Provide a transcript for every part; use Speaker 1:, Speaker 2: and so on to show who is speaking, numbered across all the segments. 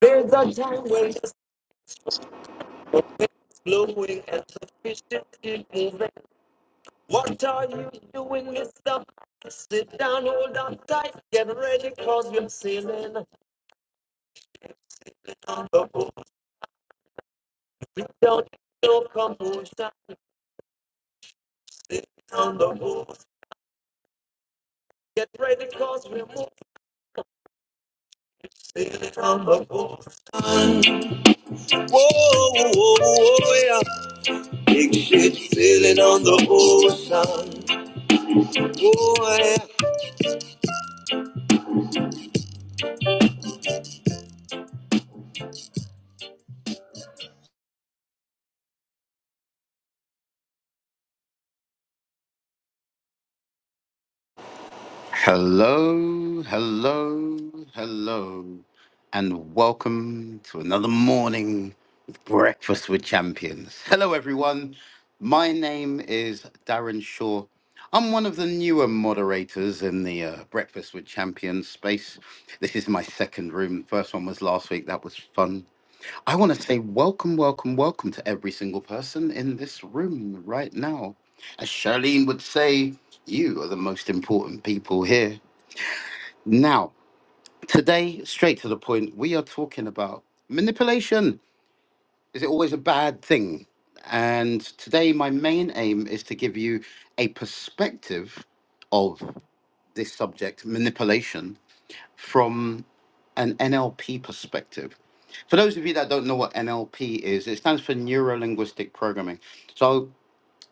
Speaker 1: There's a time when this is blowing and the fish is still moving. What are you doing, Mr. Sit down, hold on tight, get ready, cause we're sailing on the boat. We don't need no commotion, sit on the boat. Get ready, cause we're moving, sailing on the boat. Whoa, whoa, whoa, yeah. Big ship sailing on the ocean. Whoa, yeah.
Speaker 2: Hello, hello, hello, and welcome to another morning with Breakfast with Champions. Hello, everyone. My name is Darren Shaw. I'm one of the newer moderators in the uh, Breakfast with Champions space. This is my second room. First one was last week. That was fun. I want to say welcome, welcome, welcome to every single person in this room right now. As Charlene would say, you are the most important people here. Now, today, straight to the point, we are talking about manipulation. Is it always a bad thing? And today, my main aim is to give you a perspective of this subject, manipulation, from an NLP perspective. For those of you that don't know what NLP is, it stands for Neuro Linguistic Programming. So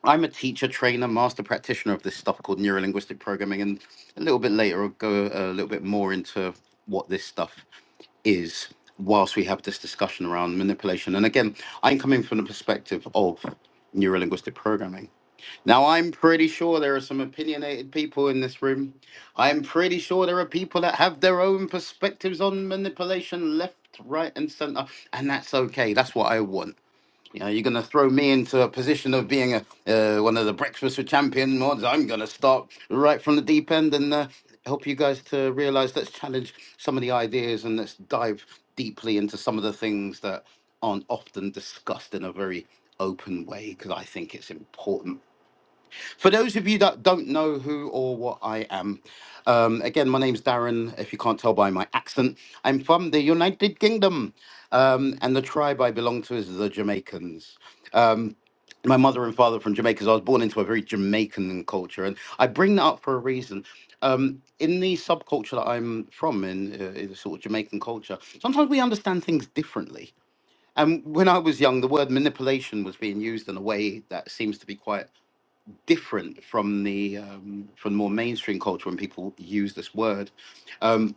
Speaker 2: I'm a teacher, trainer, master practitioner of this stuff called Neuro Linguistic Programming. And a little bit later, I'll go a little bit more into what this stuff is whilst we have this discussion around manipulation, and again, I'm coming from the perspective of neurolinguistic programming. Now, I'm pretty sure there are some opinionated people in this room. I'm pretty sure there are people that have their own perspectives on manipulation left, right, and center, and that's okay. That's what I want. You know, you're going to throw me into a position of being a, uh, one of the Breakfast with Champion mods. I'm going to start right from the deep end and uh, help you guys to realize, let's challenge some of the ideas and let's dive deeply into some of the things that aren't often discussed in a very open way because I think it's important for those of you that don't know who or what I am, um, again, my name's Darren, if you can't tell by my accent. I'm from the United Kingdom, um, and the tribe I belong to is the Jamaicans. Um, my mother and father from Jamaica, so I was born into a very Jamaican culture, and I bring that up for a reason. Um, in the subculture that I'm from, in, uh, in the sort of Jamaican culture, sometimes we understand things differently. And when I was young, the word manipulation was being used in a way that seems to be quite different from the um, from more mainstream culture when people use this word. Um,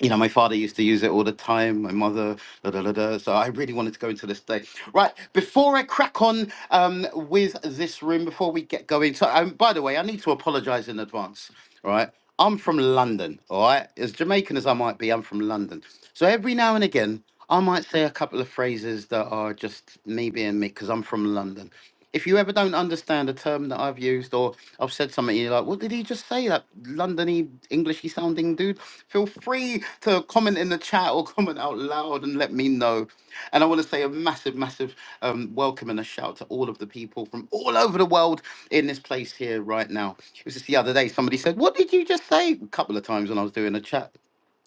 Speaker 2: you know, my father used to use it all the time. My mother, da da da da. So I really wanted to go into this day. Right before I crack on um, with this room, before we get going. So, um, by the way, I need to apologise in advance. All right, I'm from London. All right, as Jamaican as I might be, I'm from London. So every now and again. I might say a couple of phrases that are just me being me because I'm from London. If you ever don't understand a term that I've used or I've said something, you're like, what did he just say? That Londony, Englishy sounding dude? Feel free to comment in the chat or comment out loud and let me know. And I want to say a massive, massive um, welcome and a shout to all of the people from all over the world in this place here right now. It was just the other day, somebody said, What did you just say? A couple of times when I was doing a chat.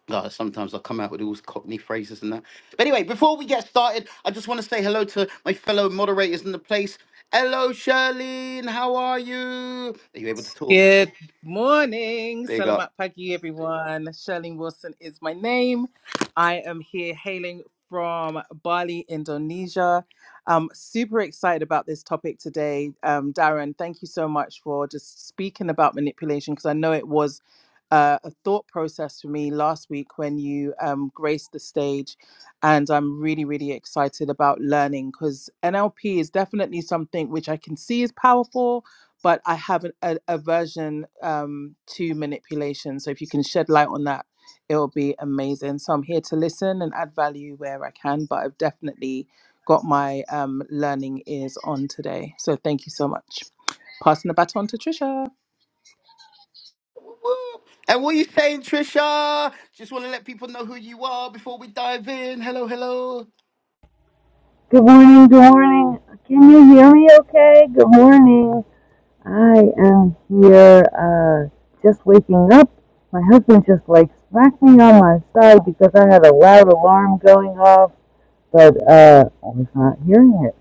Speaker 2: Uh, sometimes I come out with all these cockney phrases and that. But anyway, before we get started, I just want to say hello to my fellow moderators in the place. Hello, Charlene. How are you? Are you able to talk?
Speaker 1: Good morning,
Speaker 2: Big up.
Speaker 1: Salamat Pagi, everyone. Shirley Wilson is my name. I am here hailing from Bali, Indonesia. I'm super excited about this topic today. Um, Darren, thank you so much for just speaking about manipulation because I know it was uh, a thought process for me last week when you um, graced the stage. And I'm really, really excited about learning because NLP is definitely something which I can see is powerful but I have an, a aversion um, to manipulation. So if you can shed light on that, it will be amazing. So I'm here to listen and add value where I can, but I've definitely got my um, learning ears on today. So thank you so much. Passing the baton to Trisha.
Speaker 2: Woo-woo. And what are you saying, Trisha? Just want to let people know who you are before we dive in. Hello, hello.
Speaker 3: Good morning, good morning. Can you hear me okay? Good morning. I am here uh, just waking up. My husband just like smacked me on my side because I had a loud alarm going off, but uh, I was not hearing it.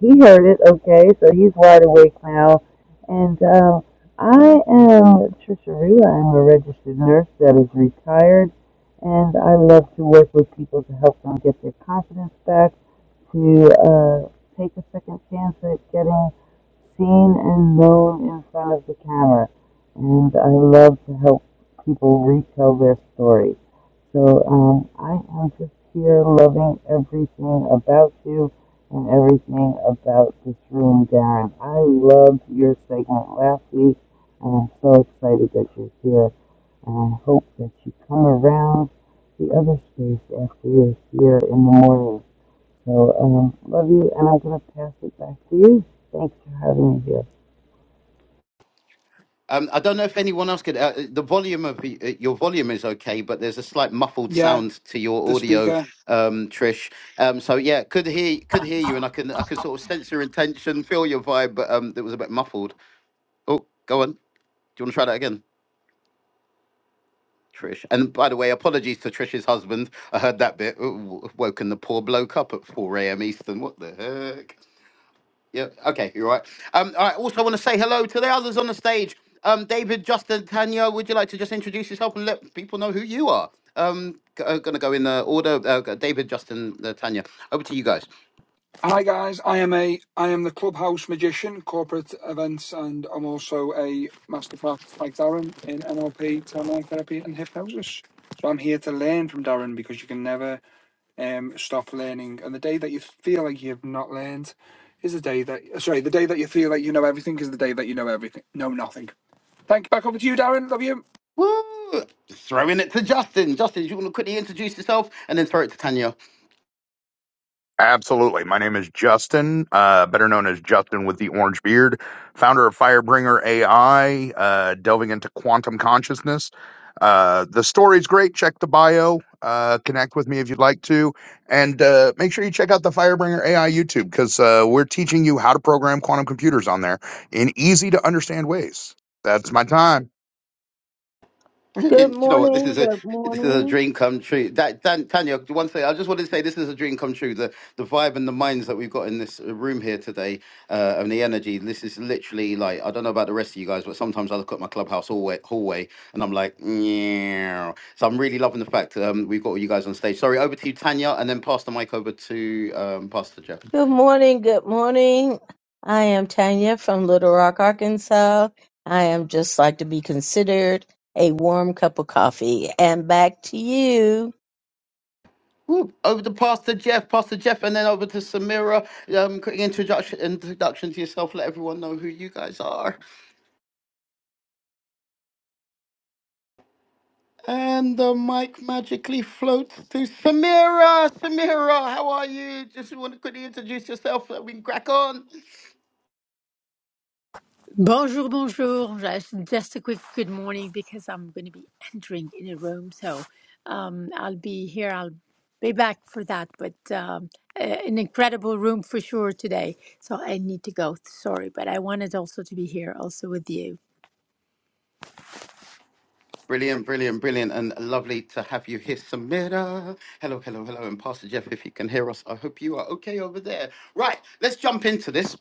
Speaker 3: He heard it okay, so he's wide awake now. And uh, I am Trisha Rue. I'm a registered nurse that is retired, and I love to work with people to help them get their confidence back to uh, take a second chance at getting seen and known in front of the camera. And I love to help people retell their story. So um, I am just here loving everything about you and everything about this room, Darren. I loved your segment last week, and I'm so excited that you're here. And I hope that you come around the other space after you're here in the morning so, um, love you, and I'm going to pass it back to you. Thanks for having me here.
Speaker 2: Um, I don't know if anyone else could. Uh, uh, the volume of y- uh, your volume is okay, but there's a slight muffled
Speaker 4: Yeah,
Speaker 2: sound to your
Speaker 4: the
Speaker 2: audio,
Speaker 4: speaker.
Speaker 2: um, Trish. Um, so yeah, could hear could hear you, and I can I can sort of sense your intention, feel your vibe, but um, it was a bit muffled. Oh, go on. Do you want to try that again, Trish? And by the way, apologies to Trish's husband. I heard that bit. Ooh, woken the poor bloke up at 4 a.m. Eastern. What the heck? Yeah. Okay. You're right. Um. I also want to say hello to the others on the stage. Um. David, Justin, Tanya. Would you like to just introduce yourself and let people know who you are? Um. g- uh, Gonna go in the order. Uh, g- David, Justin, uh, Tanya. Over to you guys.
Speaker 4: Hi guys, I am a I am the clubhouse magician, corporate events, and I'm also a masterclass like Darren in NLP, timeline therapy, and hypnosis. So I'm here to learn from Darren because you can never um, stop learning. And the day that you feel like you've not learned is the day that sorry, the day that you feel like you know everything is the day that you know everything, know nothing. Thank you. Back over to you, Darren. Love you.
Speaker 2: Woo! Throwing it to Justin. Justin, do you want to quickly introduce yourself and then throw it to Tanya?
Speaker 5: Absolutely. My name is Justin, uh, better known as Justin with the Orange Beard, founder of Firebringer AI, uh, delving into quantum consciousness. Uh, the story's great. Check the bio. Uh, connect with me if you'd like to. And uh, make sure you check out the Firebringer AI YouTube because uh, we're teaching you how to program quantum computers on there in easy to understand ways. That's my time.
Speaker 6: Good
Speaker 2: Brilliant. You know what? This
Speaker 6: morning,
Speaker 2: is a
Speaker 6: good
Speaker 2: this is a
Speaker 6: morning,
Speaker 2: dream come true. That Dan, Tanya, one thing I just wanted to say, this is a dream come true. The the vibe and the minds that we've got in this uh, room here today, uh, and the energy. This is literally like I don't know about the rest of you guys, but sometimes I look at my clubhouse hallway, hallway and I'm like, yeah. So I'm really loving the fact um, we've got all you guys on stage. Sorry, over to you, Tanya, and then pass the mic over to um, Pastor Jeff.
Speaker 6: good morning, good morning. I am Tanya from Little Rock, Arkansas. I am just like to be considered a warm cup of coffee. And back to you.
Speaker 2: Woo, over to Pastor Jeff, Pastor Jeff, and then over to Samira. Um, quick introduction, introduction to yourself. Let everyone know who you guys are. And the mic magically floats to Samira. Samira, how are you? Just want to quickly introduce yourself so that we can crack on.
Speaker 7: Bonjour, bonjour. Just, just a quick good morning because I'm going to be entering in a room. So um, I'll be here. I'll be back for that. But um, a- an incredible room for sure today. So I need to go. Sorry. But I wanted also to be here also with you.
Speaker 2: Brilliant, brilliant, brilliant, and lovely to have you here, Samira. Hello, hello, hello. And Pastor Jeff, if you can hear us, I hope you are okay over there. Right, let's jump into this.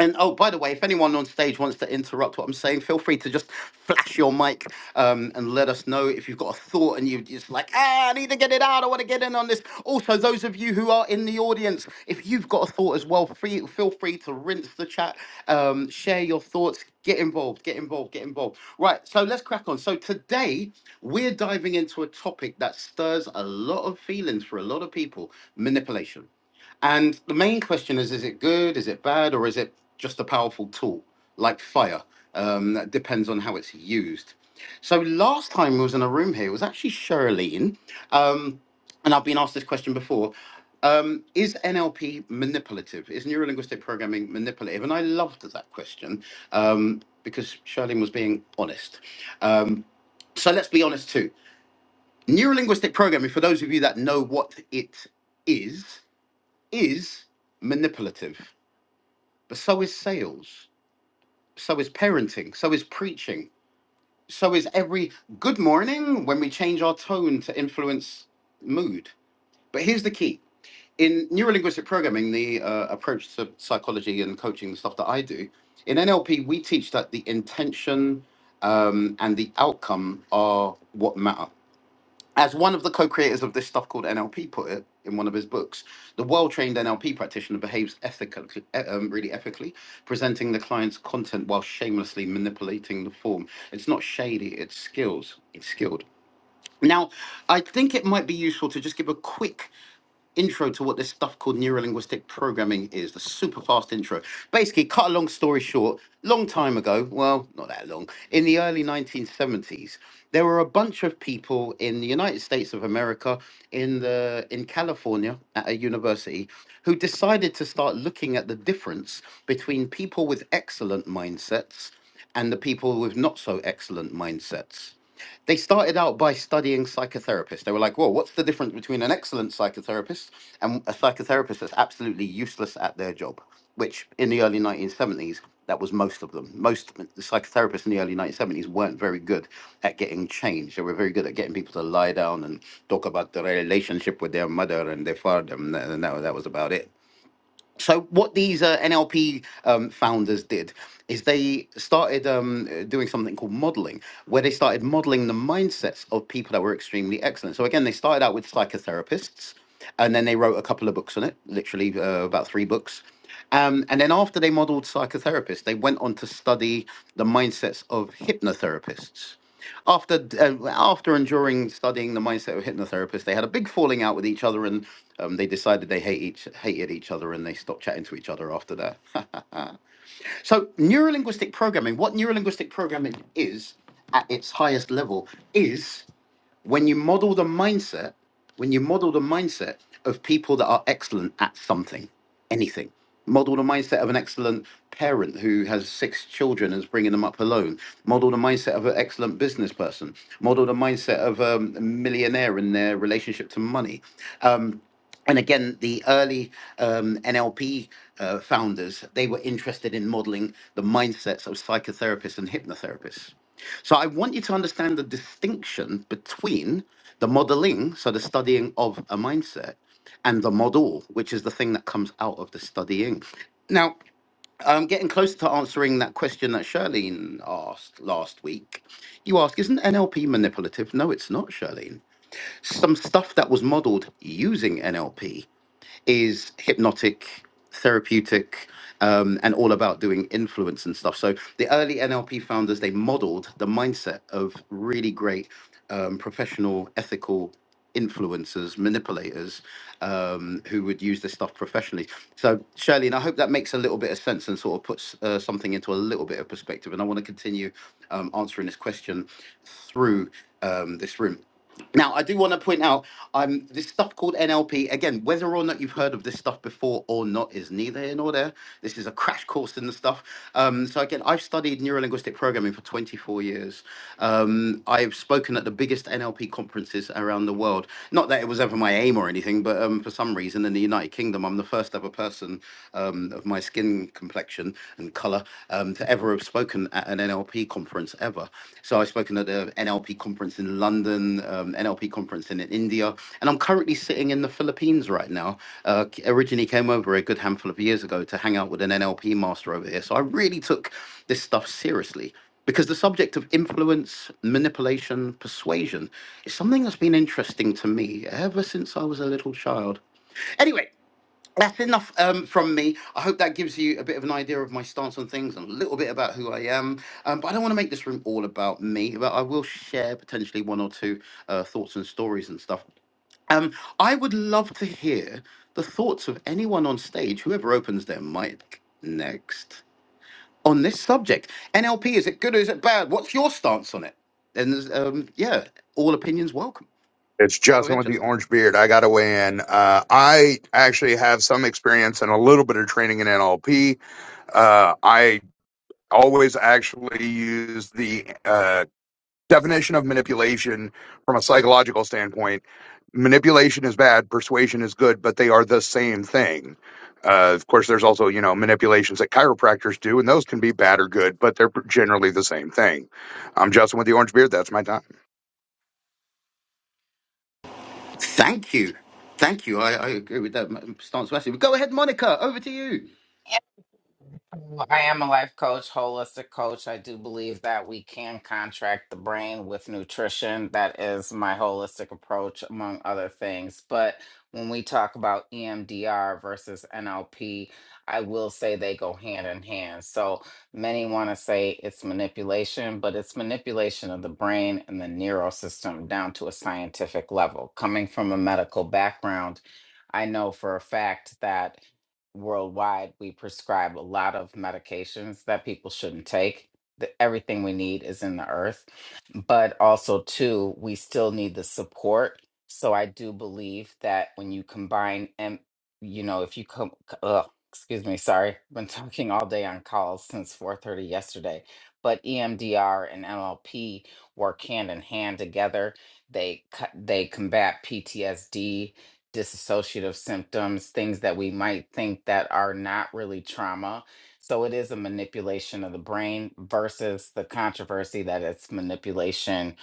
Speaker 2: And oh, by the way, if anyone on stage wants to interrupt what I'm saying, feel free to just flash your mic um, and let us know if you've got a thought and you're just like, ah, I need to get to get it out. I want to get in on this. Also, those of you who are in the audience, if you've got a thought as well, free, feel free to rinse the chat, um, share your thoughts, get involved, get involved, get involved. Right, so let's crack on. So today we're diving into a topic that stirs a lot of feelings for a lot of people: manipulation. And the main question is: Is it good? Is it bad? Or is it just a powerful tool like fire? Um, that depends on how it's used. So last time we was in a room here, it was actually Charlene. Um, and I've been asked this question before. Um, is NLP manipulative? Is neurolinguistic programming manipulative? And I loved that question um, because Charlene was being honest. Um, so let's be honest too. Neurolinguistic programming, for those of you that know what it is, is manipulative. But so is sales, so is parenting, so is preaching, so is every good morning when we change our tone to influence mood. But here's the key in neurolinguistic programming, the uh, approach to psychology and coaching, the stuff that I do, in NLP, we teach that the intention um, and the outcome are what matter. As one of the co creators of this stuff called NLP put it in one of his books, the well trained NLP practitioner behaves ethically, eh, um, really ethically, presenting the client's content while shamelessly manipulating the form. It's not shady, it's skills, it's skilled. Now, I think it might be useful to just give a quick intro to what this stuff called neurolinguistic programming is, the super fast intro. Basically, cut a long story short, long time ago, well, not that long, in the early 1970s, there were a bunch of people in the United States of America, in the in California at a university, who decided to start looking at the difference between people with excellent mindsets and the people with not so excellent mindsets they started out by studying psychotherapists. They were like, "Whoa, what's the difference between an excellent psychotherapist and a psychotherapist that's absolutely useless at their job?" Which, in the early 1970s, that was most of them. Most psychotherapists in the early 1970s weren't very good at getting change. They were very good at getting people to lie down and talk about the relationship with their mother and their father, and that, and that, that was about it so what these uh, NLP um, founders did is they started um, uh, doing something called modeling, where they started modeling the mindsets of people that were extremely excellent. So again, they started out with psychotherapists, and then they wrote a couple of books on it, literally uh, about three books. Um, and then after they modeled psychotherapists, they went on to study the mindsets of hypnotherapists after uh, after enduring studying the mindset of hypnotherapists, they had a big falling out with each other, and um, they decided they hate each hated each other, and they stopped chatting to each other after that. so, neurolinguistic programming, what neurolinguistic programming is at its highest level, is when you model the mindset, when you model the mindset of people that are excellent at something, anything, model the mindset of an excellent parent who has six children and is bringing them up alone, model the mindset of an excellent business person, model the mindset of um, a millionaire in their relationship to money. Um, and again, the early um, NLP uh, founders, they were interested in modeling the mindsets of psychotherapists and hypnotherapists. So I want you to understand the distinction between the modeling, so the studying of a mindset, and the model, which is the thing that comes out of the studying. Now, um, getting closer to answering that question that Charlene asked last week, you ask, isn't NLP manipulative? No, it's not, Charlene. Some stuff that was modeled using NLP is hypnotic, therapeutic, um, and all about doing influence and stuff. So the early NLP founders they modeled the mindset of really great um, professional, ethical influencers, manipulators um, who would use this stuff professionally. So Shirley, and I hope that makes a little bit of sense and sort of puts uh, something into a little bit of perspective. And I want to continue um, answering this question through um, this room. Now, I do want to point out um, this stuff called NLP. Again, whether or not you've heard of this stuff before or not is neither here nor there. This is a crash course in the stuff. Um, so, again, I've studied neurolinguistic programming for 24 years. Um, I've spoken at the biggest NLP conferences around the world. Not that it was ever my aim or anything, but um, for some reason in the United Kingdom, I'm the first ever person um, of my skin complexion and color um, to ever have spoken at an NLP conference ever. So I've spoken at the NLP conference in London, um, NLP conference in India, and I'm currently sitting in the Philippines right now. Uh, c- originally came over a good handful of years ago to hang out with an NLP master over here. So I really took this stuff seriously because the subject of influence, manipulation, persuasion is something that's been interesting to me ever since I was a little child. Anyway, that's enough um, from me. I hope that gives you a bit of an idea of my stance on things and a little bit about who I am. Um, but I don't want to make this room all about me, but I will share potentially one or two uh, thoughts and stories and stuff. Um, I would love to hear the thoughts of anyone on stage, whoever opens their mic next, on this subject. NLP, is it good or is it bad? What's your stance on it? And um, yeah, all opinions welcome.
Speaker 5: It's
Speaker 2: Go
Speaker 5: Justin
Speaker 2: ahead,
Speaker 5: with the
Speaker 2: Justin.
Speaker 5: orange beard. I got to weigh in. Uh, I actually have some experience and a little bit of training in NLP. Uh, I always actually use the uh, definition of manipulation from a psychological standpoint. Manipulation is bad, persuasion is good, but they are the same thing. Uh, of course, there's also you know manipulations that chiropractors do, and those can be bad or good, but they're generally the same thing. I'm Justin with the Orange Beard. That's my time.
Speaker 2: Thank you. Thank you. I, I agree with that m- stance massively. Go ahead, Monica. Over to you.
Speaker 8: Well, I am a life coach, holistic coach. I do believe that we can contract the brain with nutrition. That is my holistic approach, among other things. But when we talk about EMDR versus NLP, I will say they go hand in hand. So many want to say it's manipulation, but it's manipulation of the brain and the neural system down to a scientific level. Coming from a medical background, I know for a fact that worldwide, we prescribe a lot of medications that people shouldn't take. The, everything we need is in the earth. But also, too, we still need the support. So I do believe that when you combine, and you know, if you come, uh, excuse me, sorry, been talking all day on calls since 4:30 yesterday. But EMDR and NLP work hand in hand together. They cut, they combat PTSD disassociative symptoms, things that we might think that are not really trauma. So it is a manipulation of the brain versus the controversy that it's manipulation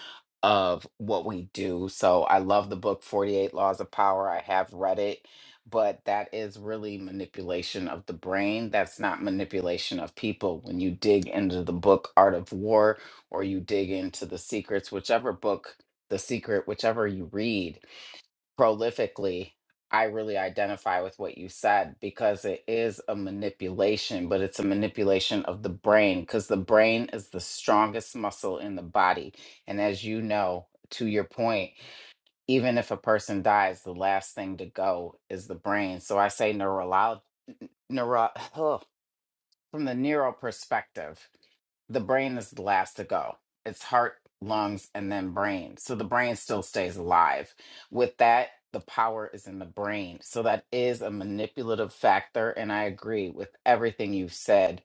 Speaker 8: of what we do. So I love the book 48 Laws of Power. I have read it, but that is really manipulation of the brain. That's not manipulation of people. When you dig into the book Art of War or you dig into The Secrets, whichever book, The Secret, whichever you read, prolifically, I really identify with what you said because it is a manipulation, but it's a manipulation of the brain because the brain is the strongest muscle in the body. And as you know, to your point, even if a person dies, the last thing to go is the brain. So I say neurolog neuro from the neuro perspective the brain is the last to go. It's heart, lungs, and then brain. So the brain still stays alive. With that, the power is in the brain. So that is a manipulative factor. And I agree with everything you've said.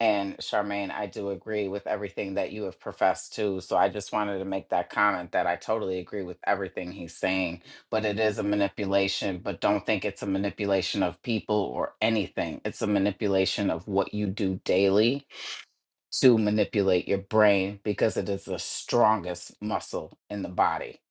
Speaker 8: And Charmaine, I do agree with everything that you have professed too. So I just wanted to make that comment that I totally agree with everything he's saying, but it is a manipulation. But don't think it's a manipulation of people or anything. It's a manipulation of what you do daily to manipulate your brain because it is the strongest muscle in the body.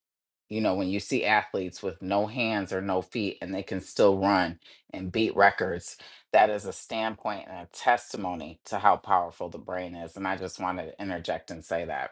Speaker 8: You know, when you see athletes with no hands or no feet and they can still run and beat records, that is a standpoint and a testimony to how powerful the brain is. And I just wanted to interject and say that.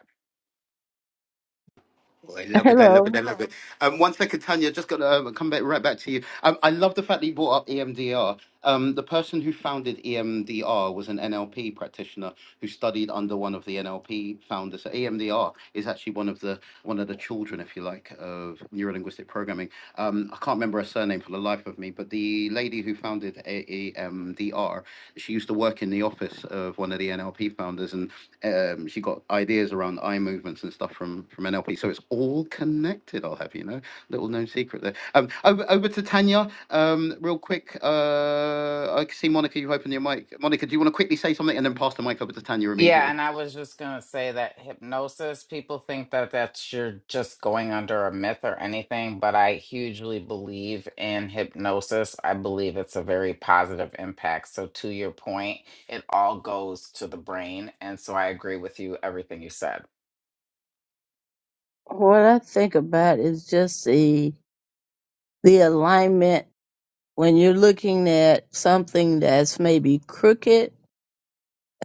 Speaker 2: Oh, I love it. I love it.
Speaker 6: Hello.
Speaker 2: I love it. Um, one second, Tanya. Just got to um, come back right back to you. Um, I love the fact that you brought up EMDR. Um, the person who founded EMDR was an NLP practitioner who studied under one of the NLP founders. So EMDR is actually one of the one of the children, if you like, of neurolinguistic programming. Um, I can't remember her surname for the life of me, but the lady. lady who founded AAMDR, she used to work in the office of one of the NLP founders, and um, she got ideas around eye movements and stuff from from NLP. So it's all connected. I'll have you know, little known secret there. Um, over, over to Tanya, um, real quick. Uh, I see Monica, you've opened your mic. Monica, do you want to quickly say something and then pass the mic over to Tanya
Speaker 8: Yeah,
Speaker 2: immediately?
Speaker 8: and I was just going to say that hypnosis, people think that that's you're just going under a myth or anything, but I hugely believe in hypnosis. I believe it's a very positive impact. So, to your point, it all goes to the brain. And so, I agree with you, everything you said.
Speaker 6: What I think about is just the the alignment when you're looking at something that's maybe crooked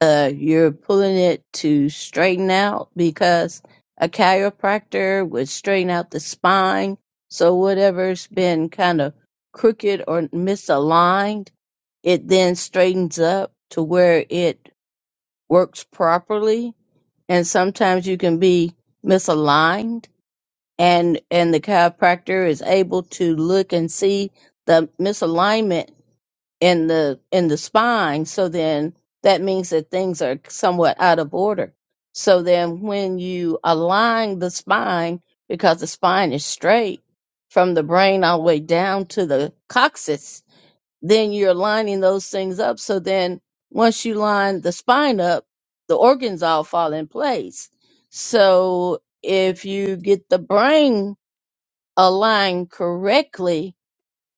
Speaker 6: uh, you're pulling it to straighten out because a chiropractor would straighten out the spine. So whatever's been kind of crooked or misaligned, it then straightens up to where it works properly. And sometimes you can be misaligned and, and the chiropractor is able to look and see the misalignment in the in the spine so then that means that things are somewhat out of order so then when you align the spine because the spine is straight from the brain all the way down to the coccyx then you're lining those things up so then once you line the spine up the organs all fall in place so if you get the brain aligned correctly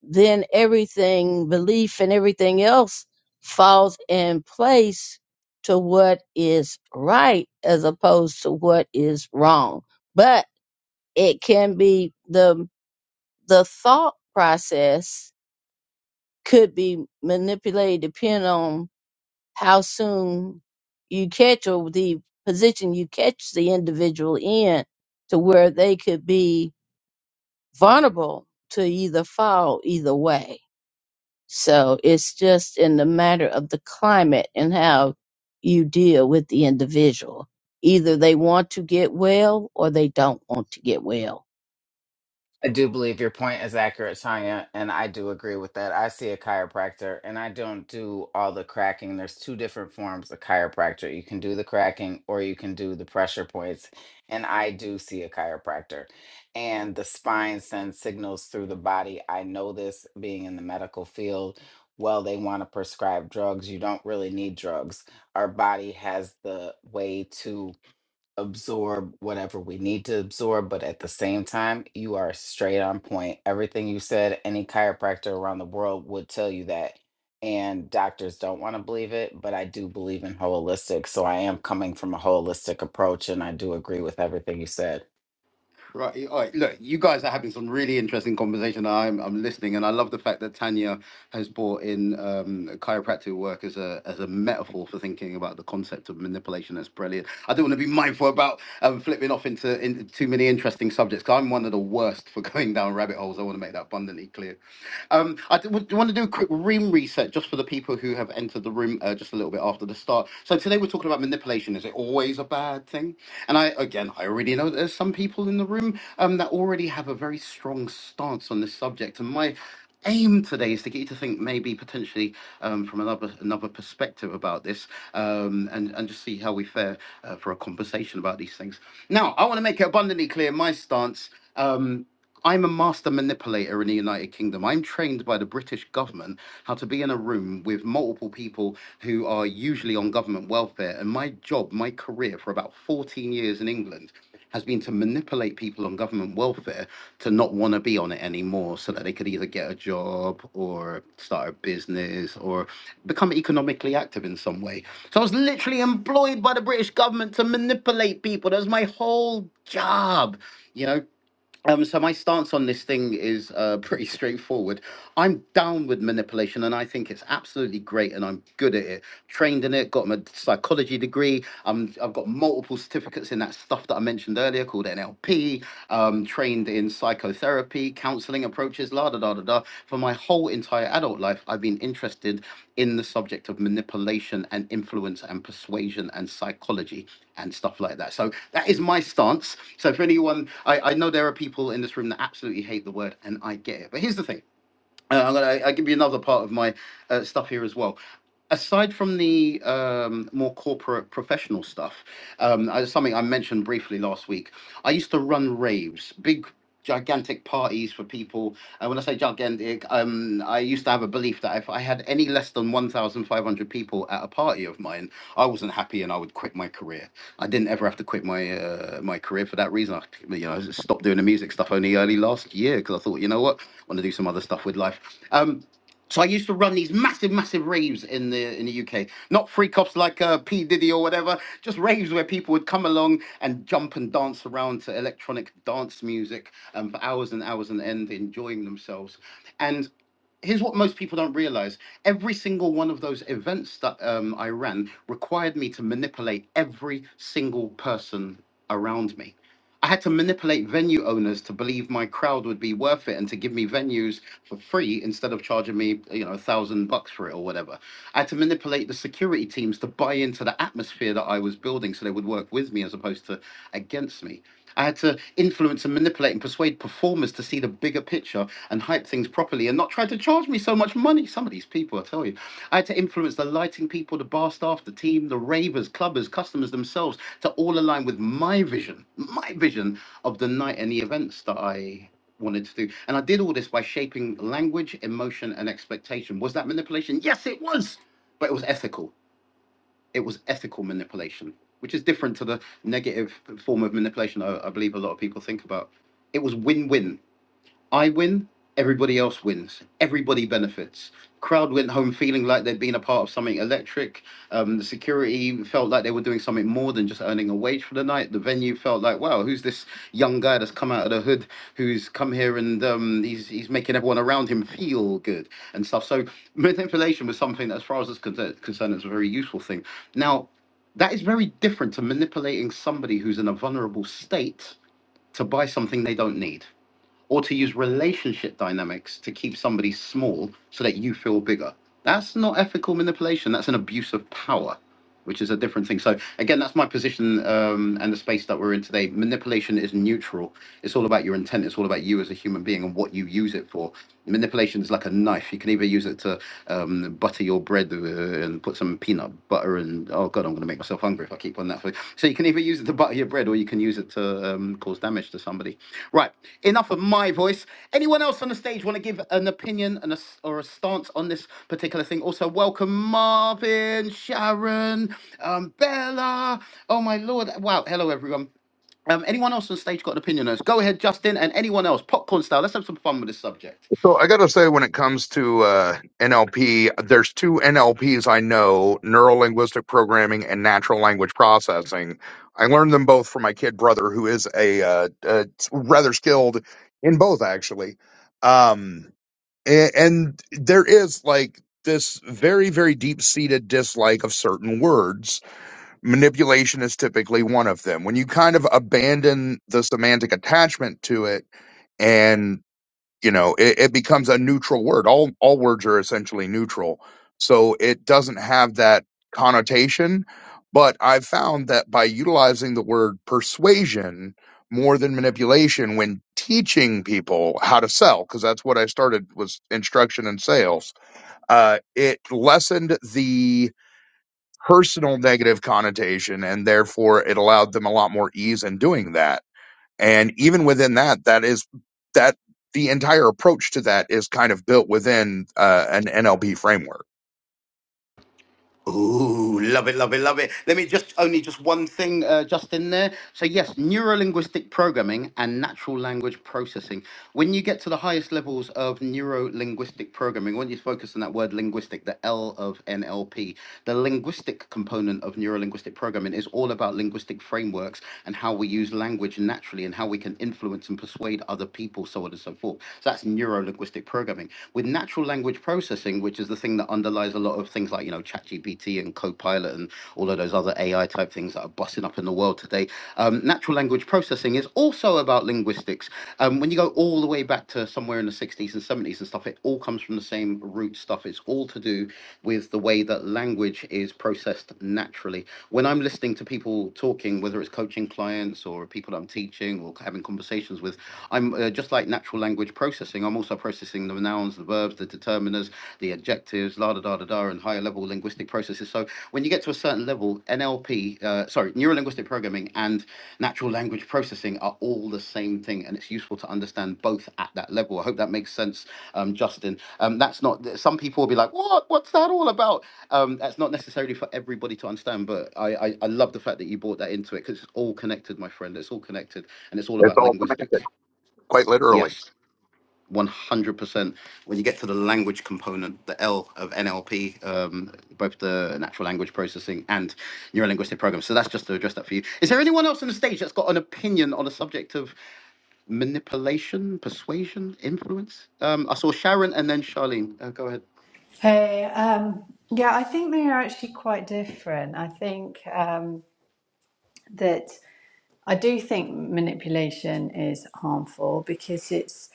Speaker 6: then everything, belief and everything else falls in place to what is right as opposed to what is wrong. But it can be the the thought process could be manipulated depending on how soon you catch or the position you catch the individual in to where they could be vulnerable to either fall either way. So it's just in the matter of the climate and how you deal with the individual. Either they want to get well or they don't want to get well.
Speaker 8: I do believe your point is accurate, Tanya, and I do agree with that. I see a chiropractor and I don't do all the cracking. There's two different forms of chiropractor. You can do the cracking or you can do the pressure points. And I do see a chiropractor. And the spine sends signals through the body. I know this being in the medical field. Well, they want to prescribe drugs. You don't really need drugs. Our body has the way to absorb whatever we need to absorb, but at the same time, you are straight on point. Everything you said, any chiropractor around the world would tell you that. And doctors don't want to believe it, but I do believe in holistic. So I am coming from a holistic approach, and I do agree with everything you said.
Speaker 2: Right. All right. Look, you guys are having some really interesting conversation. I'm I'm listening, and I love the fact that Tanya has brought in um, chiropractic work as a as a metaphor for thinking about the concept of manipulation. That's brilliant. I don't want to be mindful about um, flipping off into, into too many interesting subjects. 'cause I'm one of the worst for going down rabbit holes. I want to make that abundantly clear. Um, I d- would- want to do a quick room reset just for the people who have entered the room uh, just a little bit after the start. So today we're talking about manipulation. Is it always a bad thing? And I, again, I already know that there's some people in the room um, that already have a very strong stance on this subject. And my aim today is to get you to think maybe potentially um, from another another perspective about this um, and, and just see how we fare uh, for a conversation about these things. Now, I want to make it abundantly clear my stance. Um, I'm a master manipulator in the United Kingdom. I'm trained by the British government how to be in a room with multiple people who are usually on government welfare. And my job, my career for about 14 years in England has been to manipulate people on government welfare to not want to be on it anymore so that they could either get a job or start a business or become economically active in some way. So I was literally employed by the British government to manipulate people. That was my whole job, you know. Um, so my stance on this thing is uh, pretty straightforward. I'm down with manipulation, and I think it's absolutely great, and I'm good at it trained in it, got my psychology degree. Um, I've got multiple certificates in that stuff that I mentioned earlier called NLP, um, trained in psychotherapy, counseling approaches, la da da da da. For my whole entire adult life, I've been interested in the subject of manipulation and influence and persuasion and psychology and stuff like that. So that is my stance. So for anyone, I, I know there are people in this room that absolutely hate the word, and I get it. But here's the thing. Uh, I'm gonna I'll give you another part of my uh, stuff here as well aside from the um, more corporate professional stuff, um, uh, something I mentioned briefly last week, I used to run raves, big gigantic parties for people. And when I say gigantic, um, I used to have a belief that if I had any less than 1,500 people at a party of mine, I wasn't happy and I would quit my career. I didn't ever have to quit my uh, my career for that reason. I, you know, I stopped doing the music stuff only early last year because I thought, you know what, I want to do some other stuff with life. Um, so I used to run these massive, massive raves in the in the UK. Not free cops like uh, P Diddy or whatever, just raves where people would come along and jump and dance around to electronic dance music um, for hours and hours and end, enjoying themselves. And here's what most people don't realize: every single one of those events that um, I ran required me to manipulate every single person around me. I had to manipulate venue owners to believe my crowd would be worth it and to give me venues for free instead of charging me, you know, a thousand bucks for it or whatever. I had to manipulate the security teams to buy into the atmosphere that I was building so they would work with me as opposed to against me I had to influence and manipulate and persuade performers to see the bigger picture and hype things properly and not try to charge me so much money. Some of these people, I tell you. I had to influence the lighting people, the bar staff, the team, the ravers, clubbers, customers themselves to all align with my vision, my vision of the night and the events that I wanted to do. And I did all this by shaping language, emotion, and expectation. Was that manipulation? Yes, it was. But it was ethical it was ethical manipulation, which is different to the negative form of manipulation I, I believe a lot of people think about. It was win win I win, everybody else wins. Everybody benefits. Crowd went home feeling like they'd been a part of something electric. Um, the security felt like they were doing something more than just earning a wage for the night. The venue felt like, wow, who's this young guy that's come out of the hood, who's come here and um, he's he's making everyone around him feel good and stuff. So manipulation was something that, as far as it's concerned, concerned it's a very useful thing. Now, that is very different to manipulating somebody who's in a vulnerable state to buy something they don't need or to use relationship dynamics to keep somebody small so that you feel bigger. That's not ethical manipulation. That's an abuse of power, which is a different thing. So, again, that's my position um, and the space that we're in today. Manipulation is neutral. It's all about your intent. It's all about you as a human being and what you use it for. Manipulation is like a knife. You can either use it to um, butter your bread uh, and put some peanut butter and oh oh god, I'm going to make myself hungry if I keep on that food. So you can either use it to butter your bread, or you can use it to um, cause damage to somebody. Right. Enough of my voice. Anyone else on the stage want to give an opinion and a s or a stance on this particular thing? Also, welcome Marvin, Sharon, um, Bella. Oh my lord! Wow. Hello everyone. Um, anyone else on stage got an opinion on this? Go ahead, Justin, and anyone else, popcorn style. Let's have some fun with this subject.
Speaker 5: So I got to say, when it comes to uh, NLP, there's two NLPs I know: neuro linguistic programming and natural language processing. I learned them both from my kid brother, who is a, uh, uh rather skilled in both, actually. Um, a- and there is like this very, very deep seated dislike of certain words. Manipulation is typically one of them. When you kind of abandon the semantic attachment to it, and you know it, it becomes a neutral word all all words are essentially neutral so it doesn't have that connotation but i've found that by utilizing the word persuasion more than manipulation when teaching people how to sell because that's what i started was instruction and sales uh, it lessened the personal negative connotation and therefore it allowed them a lot more ease in doing that and even within that, that is that the entire approach to that is kind of built within uh, an NLP framework.
Speaker 2: Ooh, love it, love it, love it. Let me just only just one thing, uh, just in there. So yes, neurolinguistic programming and natural language processing. When you get to the highest levels of neurolinguistic programming, when you focus on that word linguistic, the L of NLP, the linguistic component of neurolinguistic programming is all about linguistic frameworks and how we use language naturally and how we can influence and persuade other people, so on and so forth. So that's neurolinguistic programming. With natural language processing, thing, which is the thing that underlies a lot of things like, you know, ChatGPT and Copilot and all of those other AI type things that are busting up in the world today. Um, natural language processing is also about linguistics. Um, when you go all the way back to somewhere in the 60s and 70s and stuff, it all comes from the same root stuff. It's all to do with the way that language is processed naturally. When I'm listening to people talking, whether it's coaching clients or people that I'm teaching or having conversations with, I'm uh, just like natural language processing. I'm also the processing the nouns, the verbs, the determiners, the adjectives, la da da da da, and higher level linguistic processes. So when you get to a certain level, NLP, uh, sorry, neuro linguistic programming and natural language processing are all the same thing, and it's useful to understand both at that level. I hope that makes sense, um, Justin. Um, that's not some people will be like, "What? What's that all about?" Um, that's not necessarily for everybody to understand, but I, I I love the fact that you brought that into it because it's all connected, my friend. It's all connected, and it's all
Speaker 5: It's
Speaker 2: about
Speaker 5: all
Speaker 2: linguistics.
Speaker 5: quite literally.
Speaker 2: Yes. 100%. When you get to the language component, the L of NLP, um, both the natural language processing and neurolinguistic linguistic programs. So that's just to address that for you. Is there anyone else on the stage that's got an opinion on the subject of manipulation, persuasion, influence? Um, I saw Sharon and then Charlene. Uh, go ahead.
Speaker 9: Hey, um, yeah, I think they are actually quite different. I think um, that I do think manipulation is harmful because it's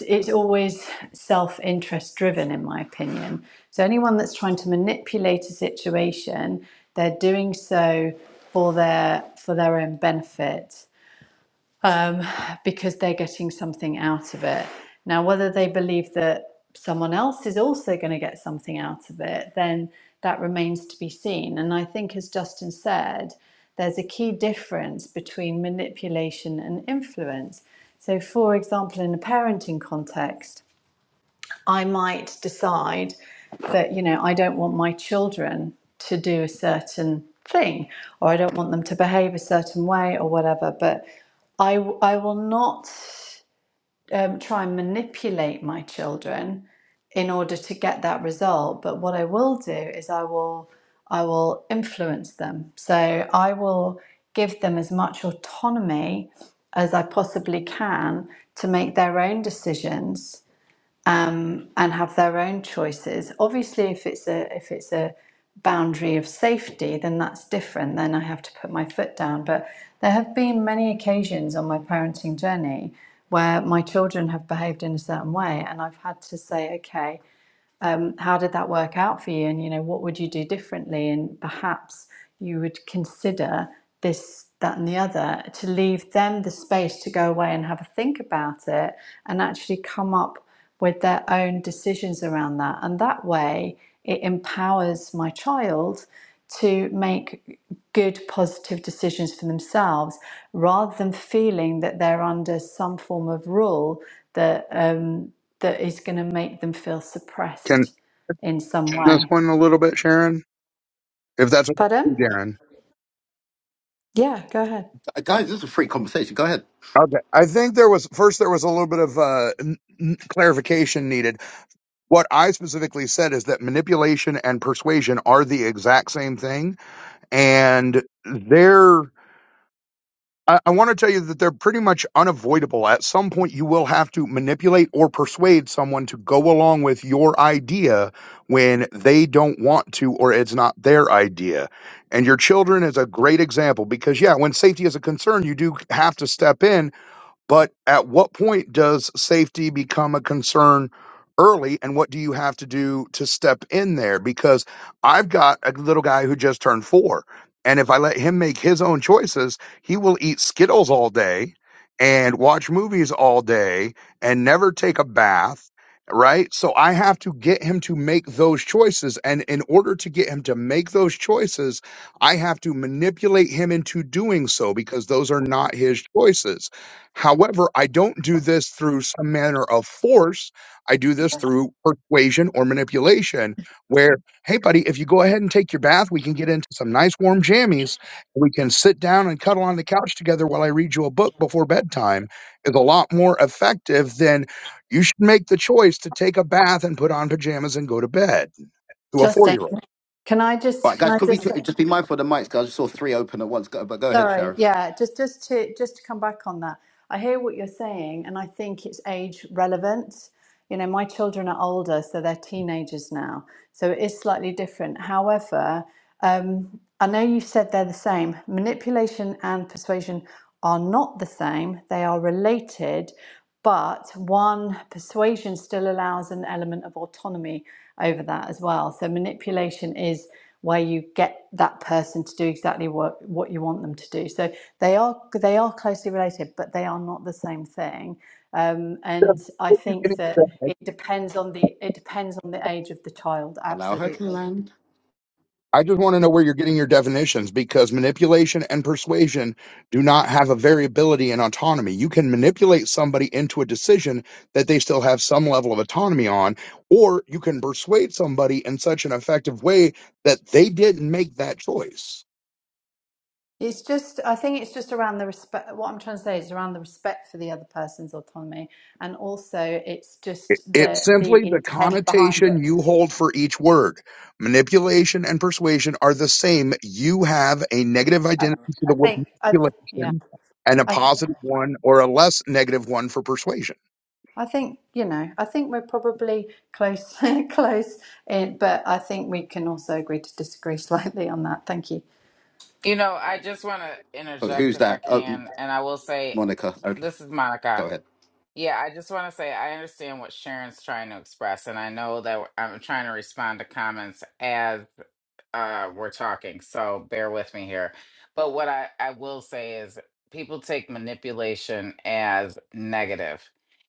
Speaker 9: it's always self-interest driven, in my opinion. So anyone that's trying to manipulate a situation, they're doing so for their for their own benefit. um, because they're getting something out of it. Now, whether they believe that someone else is also going to get something out of it, then that remains to be seen. And I think, as Justin said, there's a key difference between manipulation and influence. So, for example, in a parenting context, I might decide that, you know, I don't want my children to do a certain thing or I don't want them to behave a certain way or whatever. But I, w- I will not um, try and manipulate my children in order to get that result. But what I will do is I will I will influence them. So I will give them as much autonomy as I possibly can to make their own decisions um, and have their own choices. Obviously, if it's a if it's a boundary of safety, then that's different. Then I have to put my foot down. But there have been many occasions on my parenting journey where my children have behaved in a certain way, and I've had to say, okay um, how did that work out for you? And you know, what would you do differently? And perhaps you would consider this, that, and the other to leave them the space to go away and have a think about it, and actually come up with their own decisions around that. And that way, it empowers my child to make good, positive decisions for themselves rather than feeling that they're under some form of rule that, um, that is going to make them feel
Speaker 5: Can
Speaker 9: suppressed in some
Speaker 5: this
Speaker 9: way.
Speaker 5: one a little bit, Sharon? If that's okay,
Speaker 9: Pardon?
Speaker 5: with you, Darren.
Speaker 9: Yeah, go ahead.
Speaker 2: Uh, guys, this is a free conversation. Go ahead.
Speaker 5: Okay. I think there was first there was a little bit of uh, n- n- clarification needed. What I specifically said is that manipulation and persuasion are the exact same thing, and they're I, I want to tell you that they're pretty much unavoidable. At some point, you will have to manipulate or persuade someone to go along with your idea when they don't want to or it's not their idea. And your children is a great example because, yeah, when safety is a concern, you do have to step in but at what point does safety become a concern early and what do you have to do to step in there? Because I've got a little guy who just turned four. And if I let him make his own choices, he will eat Skittles all day and watch movies all day and never take a bath. Right. So I have to get him to make those choices. And in order to get him to make those choices, I have to manipulate him into doing so because those are not his choices However, I don't do this through some manner of force. I do this through persuasion or manipulation, where, hey, buddy, if you go ahead and take your bath, we can get into some nice warm jammies. We can sit down and cuddle on the couch together while I read you a book before bedtime, is a lot more effective than you should make the choice to take a bath and put on pajamas and go to bed to a four
Speaker 9: Justin,
Speaker 5: year old.
Speaker 9: can I
Speaker 2: All
Speaker 9: just
Speaker 2: right,
Speaker 9: can
Speaker 2: guys,
Speaker 9: I
Speaker 2: could we
Speaker 9: just
Speaker 2: ju- just be mindful of the mics? Because I just saw three open at once. Go, but go ahead,
Speaker 9: sorry,
Speaker 2: Sharon.
Speaker 9: yeah, just just to just to come back on that. I hear what you're saying, and I think it's age relevant. You know, my children are older, so they're teenagers now, so it is slightly different. However, Um, I know you said they're the same. Manipulation and persuasion are not the same, they are related, but one persuasion still allows an element of autonomy over that as well. So, manipulation is where you get that person to do exactly what, what you want them to do. So they are they are closely related, but they are not the same thing. Um, and I think that it depends on the it depends on the age of the child,
Speaker 2: Allow her to
Speaker 9: absolutely.
Speaker 2: land.
Speaker 5: I just want to know where you're getting your definitions because manipulation and persuasion do not have a variability in autonomy. You can manipulate somebody into a decision that they still have some level of autonomy on, or you can persuade somebody in such an effective way that they didn't make that choice.
Speaker 9: It's just, I think it's just around the respect. What I'm trying to say is around the respect for the other person's autonomy, and also it's just
Speaker 5: It's
Speaker 9: the the
Speaker 5: simply the
Speaker 9: intent behind
Speaker 5: connotation
Speaker 9: it.
Speaker 5: you hold for each word. Manipulation and persuasion are the same. You have a negative
Speaker 9: I,
Speaker 5: identity for
Speaker 9: I
Speaker 5: the word
Speaker 9: think, I th- yeah,
Speaker 5: manipulation and a
Speaker 9: I th-
Speaker 5: positive one or a less negative one for persuasion.
Speaker 9: I think you know, I think we're probably close, close, in, but I think we can also agree to disagree slightly on that. Thank you.
Speaker 8: You know, I just want to
Speaker 2: Oh,
Speaker 8: interject
Speaker 2: Who's
Speaker 8: if I
Speaker 2: that? Oh,
Speaker 8: can. And I will say,
Speaker 2: Monica. Okay,
Speaker 8: this is
Speaker 2: go
Speaker 8: Monica.
Speaker 2: ahead.
Speaker 8: Yeah, I just want to say I understand what Sharon's trying to express, and I know that I'm trying to respond to comments as uh, we're talking, so bear with me here. But what I, I will say is people take manipulation as negative.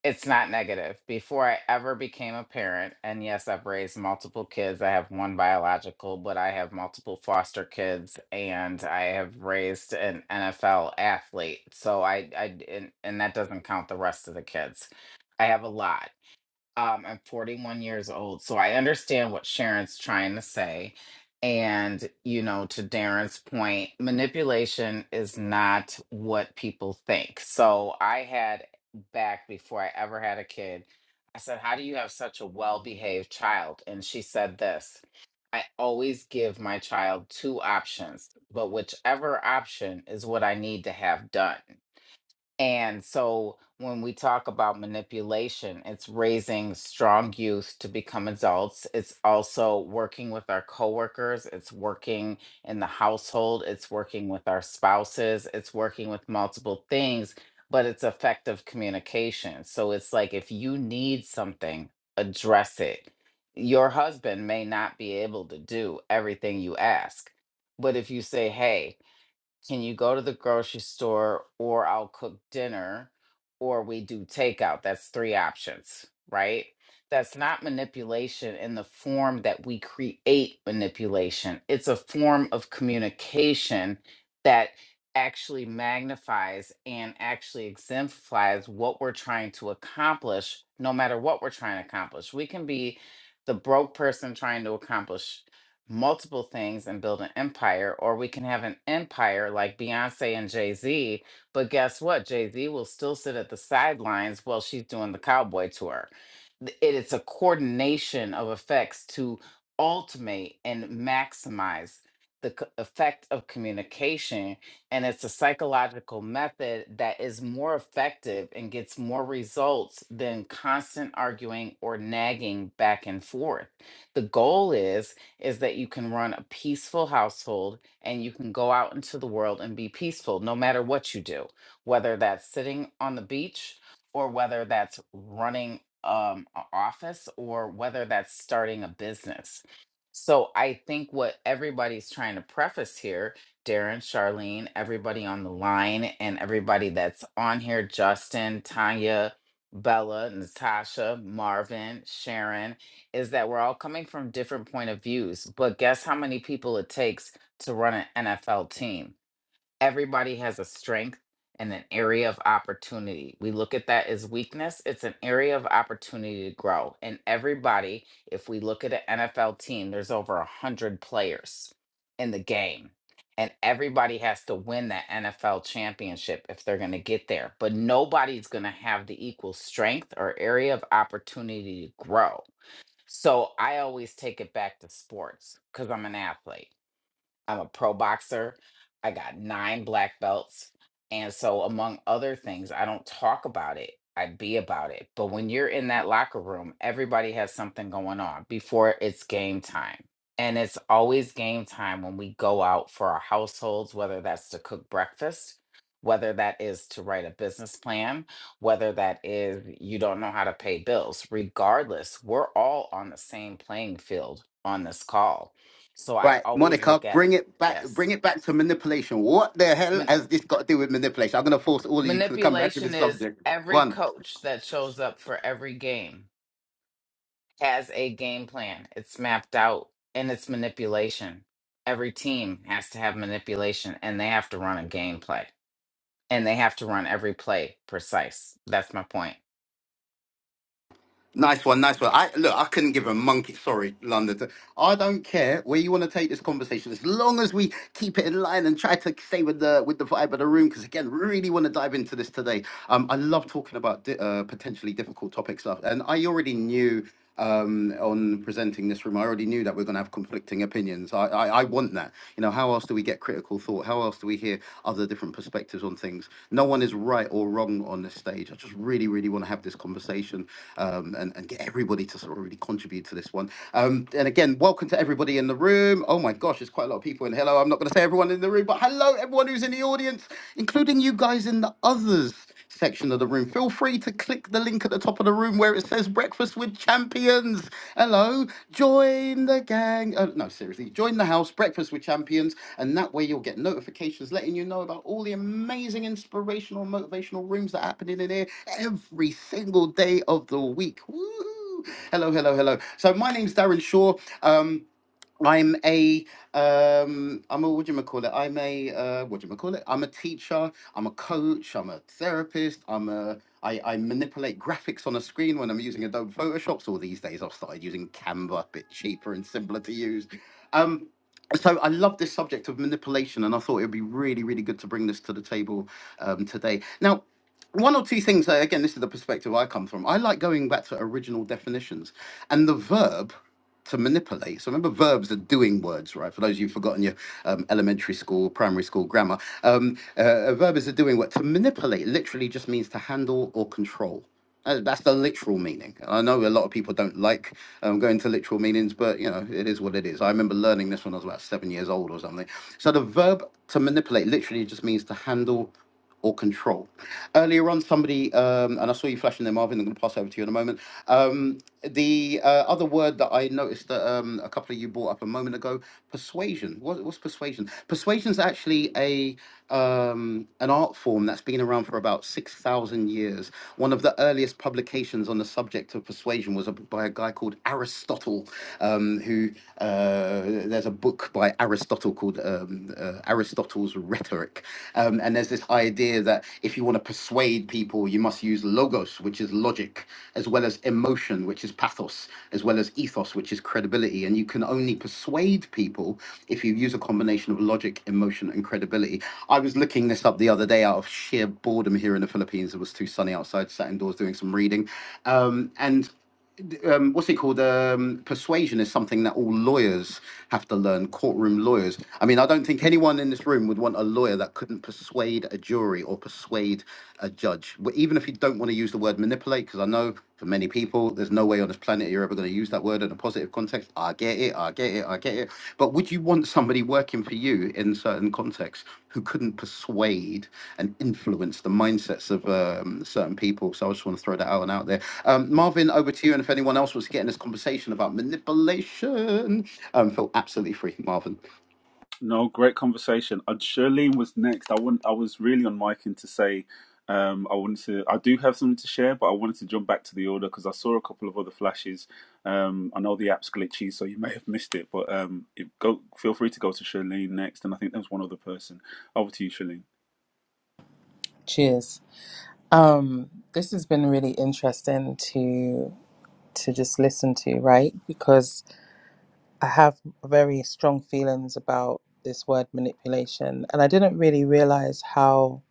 Speaker 8: It's not negative. Before I ever became a parent, and yes, I've raised multiple kids. I have one biological, but I have multiple foster kids, and I have raised an NFL athlete. So I, I and, and that doesn't count the rest of the kids. I have a lot. Um, I'm 41 years old, so I understand what Sharon's trying to say. And, you know, to Darren's point, manipulation is not what people think. So I had back before I ever had a kid, I said, How do you have such a well behaved child? And she said this I always give my child two options, but whichever option is what I need to have done. And so when we talk about manipulation, it's raising strong youth to become adults. It's also working with our coworkers, it's working in the household, it's working with our spouses, it's working with multiple things, but it's effective communication. So it's like if you need something, address it. Your husband may not be able to do everything you ask, but if you say, "Hey, can you go to the grocery store or I'll cook dinner or we do takeout? That's three options, right? That's not manipulation in the form that we create manipulation. It's a form of communication that actually magnifies and actually exemplifies what we're trying to accomplish, no matter what we're trying to accomplish. We can be the broke person trying to accomplish multiple things and build an empire, or we can have an empire like Beyonce and Jay Z. But guess what? Jay Z will still sit at the sidelines while she's doing the cowboy tour. Th- It is a coordination of effects to ultimate and maximize the c- effect of communication. And it's a psychological method that is more effective and gets more results than constant arguing or nagging back and forth. The goal is is that you can run a peaceful household and you can go out into the world and be peaceful no matter what you do, whether that's sitting on the beach or whether that's running um, an office or whether that's starting a business. So I think what everybody's trying to preface here, Darren, Charlene, everybody on the line, and everybody that's on here, Justin, Tanya, Bella, Natasha, Marvin, Sharon, is that we're all coming from different point of views, but guess how many people it takes to run an NFL team? Everybody has a strength and an area of opportunity. We look at that as weakness, it's an area of opportunity to grow. And everybody, if we look at an NFL team, there's over a 100 players in the game. And everybody has to win that NFL championship if they're going to get there. But nobody's going to have the equal strength or area of opportunity to grow so I always take it back to sports because I'm an athlete. I'm a pro boxer. I got nine black belts. And so, among other things, I don't talk about it. I be about it. But when you're in that locker room, everybody has something going on before it's game time. And it's always game time when we go out for our households, whether that's to cook breakfast, whether that is to write a business plan, whether that is you don't know how to pay bills. Regardless, we're all on the same playing field on this call. So I
Speaker 2: Right,
Speaker 8: always
Speaker 2: Monica,
Speaker 8: look at it.
Speaker 2: bring it back. Bring
Speaker 8: Yes.
Speaker 2: it back to manipulation. What the hell
Speaker 8: Man-
Speaker 2: has this got to do with manipulation? I'm gonna force all of you to come back to
Speaker 8: manipulation
Speaker 2: this
Speaker 8: is
Speaker 2: subject.
Speaker 8: every
Speaker 2: One,
Speaker 8: coach that shows up for every game has a game plan. It's mapped out and it's manipulation. Every team has to have manipulation and they have to run a game play and they have to run every play precise. That's my point.
Speaker 2: nice one, nice one. I look, I couldn't give a monkey. Sorry, London. I don't care where you want to take this conversation, as long as we keep it in line and try to stay with the with the vibe of the room. Because again, really want to dive into this today. Um, I love talking about di- uh, potentially difficult topics, stuff, and I already knew. um, on presenting this room. I already knew that we're going to have conflicting opinions. I, I, I want that. You know, how else do we get critical thought? How else do we hear other different perspectives on things? No one is right or wrong on this stage. I just really, really want to have this conversation um, and, and get everybody to sort of really contribute to this one. Um, and again, welcome to everybody in the room. Oh my gosh, there's quite a lot of people in. Hello, I'm not going to say everyone in the room, but hello, everyone who's in the audience, including you guys in the others section of the room. Feel free to click the link at the top of the room where it says Breakfast with Champions. Hello, join the gang. Uh, no, seriously, join the house, Breakfast with Champions, and that way you'll get notifications letting you know about all the amazing inspirational, motivational rooms that are happening in here every single day of the week. Woo! Hello, hello, hello. So my name's Darren Shaw. Um, I'm a um I'm a what do you call it? I'm a uh what do you call it? I'm a teacher, I'm a coach, I'm a therapist, I'm a I, I manipulate graphics on a screen when I'm using Adobe Photoshop. So these days I've started using Canva, a bit cheaper and simpler to use. Um so I love this subject of manipulation and I thought it'd be really, really good to bring this to the table um today. Now one or two things, uh, again, this is the perspective I come from. I like going back to original definitions. And the verb to manipulate. So remember, verbs are doing words, right? For those of you who've forgotten your um, elementary school, primary school grammar, um, uh, a verb is a doing word. To manipulate literally just means to handle or control. Uh, That's the literal meaning. I know a lot of people don't like um, going to literal meanings, but you know it is what it is. I remember learning this when I was about seven years old or something. So the verb to manipulate literally just means to handle or control. Earlier on, somebody um, and I saw you flashing there, Marvin. I'm going to pass over to you in a moment. Um, the uh, other word that I noticed that um, a couple of you brought up up a moment ago. Persuasion. What, what's persuasion? Persuasion is actually a um, an art form that's been around for about six thousand years. One of the earliest publications on the subject of persuasion was a, by a guy called Aristotle, um, who uh, there's a book by Aristotle called um, uh, Aristotle's Rhetoric, um, and there's this this idea that if you want to persuade people, you must use logos, which is logic, as well as emotion, which is pathos, as well as ethos, which is credibility. And you can only persuade people if you use a combination of logic, emotion, and credibility. I was looking this up the other day out of sheer boredom here in the Philippines. It was too sunny outside, sat indoors doing some reading. Um, and um, what's it called? Um, persuasion is something that all lawyers have to learn. Courtroom lawyers. I mean, I don't think anyone in this room would want a lawyer that couldn't persuade a jury or persuade a judge. W- Even if you don't want to use the word manipulate, because I know for many people, there's no way on this planet you're ever going to use that word in a positive context. I get it. I get it. I get it. But would you want somebody working for you in certain contexts who couldn't persuade and influence the mindsets of um, certain people? So I just want to throw that out and out there. Um, Marvin, over to you. And if anyone else wants to get in this conversation about manipulation, um, feel absolutely free, Marvin.
Speaker 10: No, great conversation. And Shirlene was next. I want. I was really on micing to say, um, I wanted to. I do have something to share, but I wanted to jump back to the order because I saw a couple of other flashes. Um, I know the app's glitchy, so you may have missed it. But um, it, go. Feel free to go to Shirlene next, and I think there was one other person. Over to you, Shirlene.
Speaker 1: Cheers. Um, this has been really interesting to to just listen to, right? Because I have very strong feelings about this word manipulation, and I didn't really realize how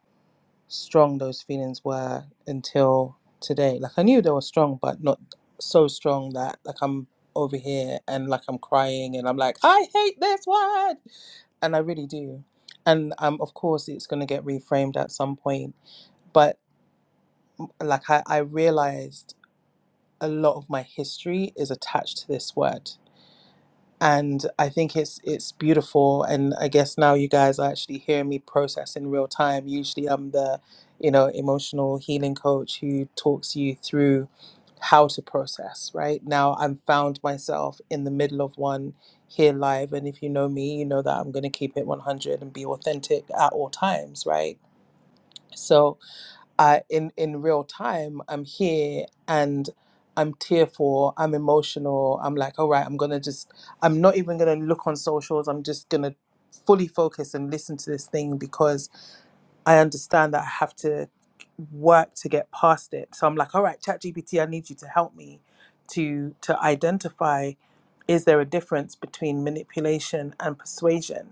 Speaker 1: strong those feelings were until today. Like I knew they were strong, but not so strong that like I'm over here and like I'm crying and I'm like, I hate this word, and I really do. And um, of course, it's going to get reframed at some point, but like I, I realized a lot of my history is attached to this word and i think it's it's beautiful and i guess now you guys are actually hearing me process in real time usually i'm the you know emotional healing coach who talks you through how to process right now i'm found myself in the middle of one here live and if you know me you know that i'm going to keep it 100 and be authentic at all times right so I in in real time I'm here and I'm tearful, I'm emotional, I'm like, all right, I'm gonna just I'm not even gonna look on socials, I'm just gonna fully focus and listen to this thing because I understand that I have to work to get past it. So I'm like, all right, chat GPT, I need you to help me to to identify is there a difference between manipulation and persuasion?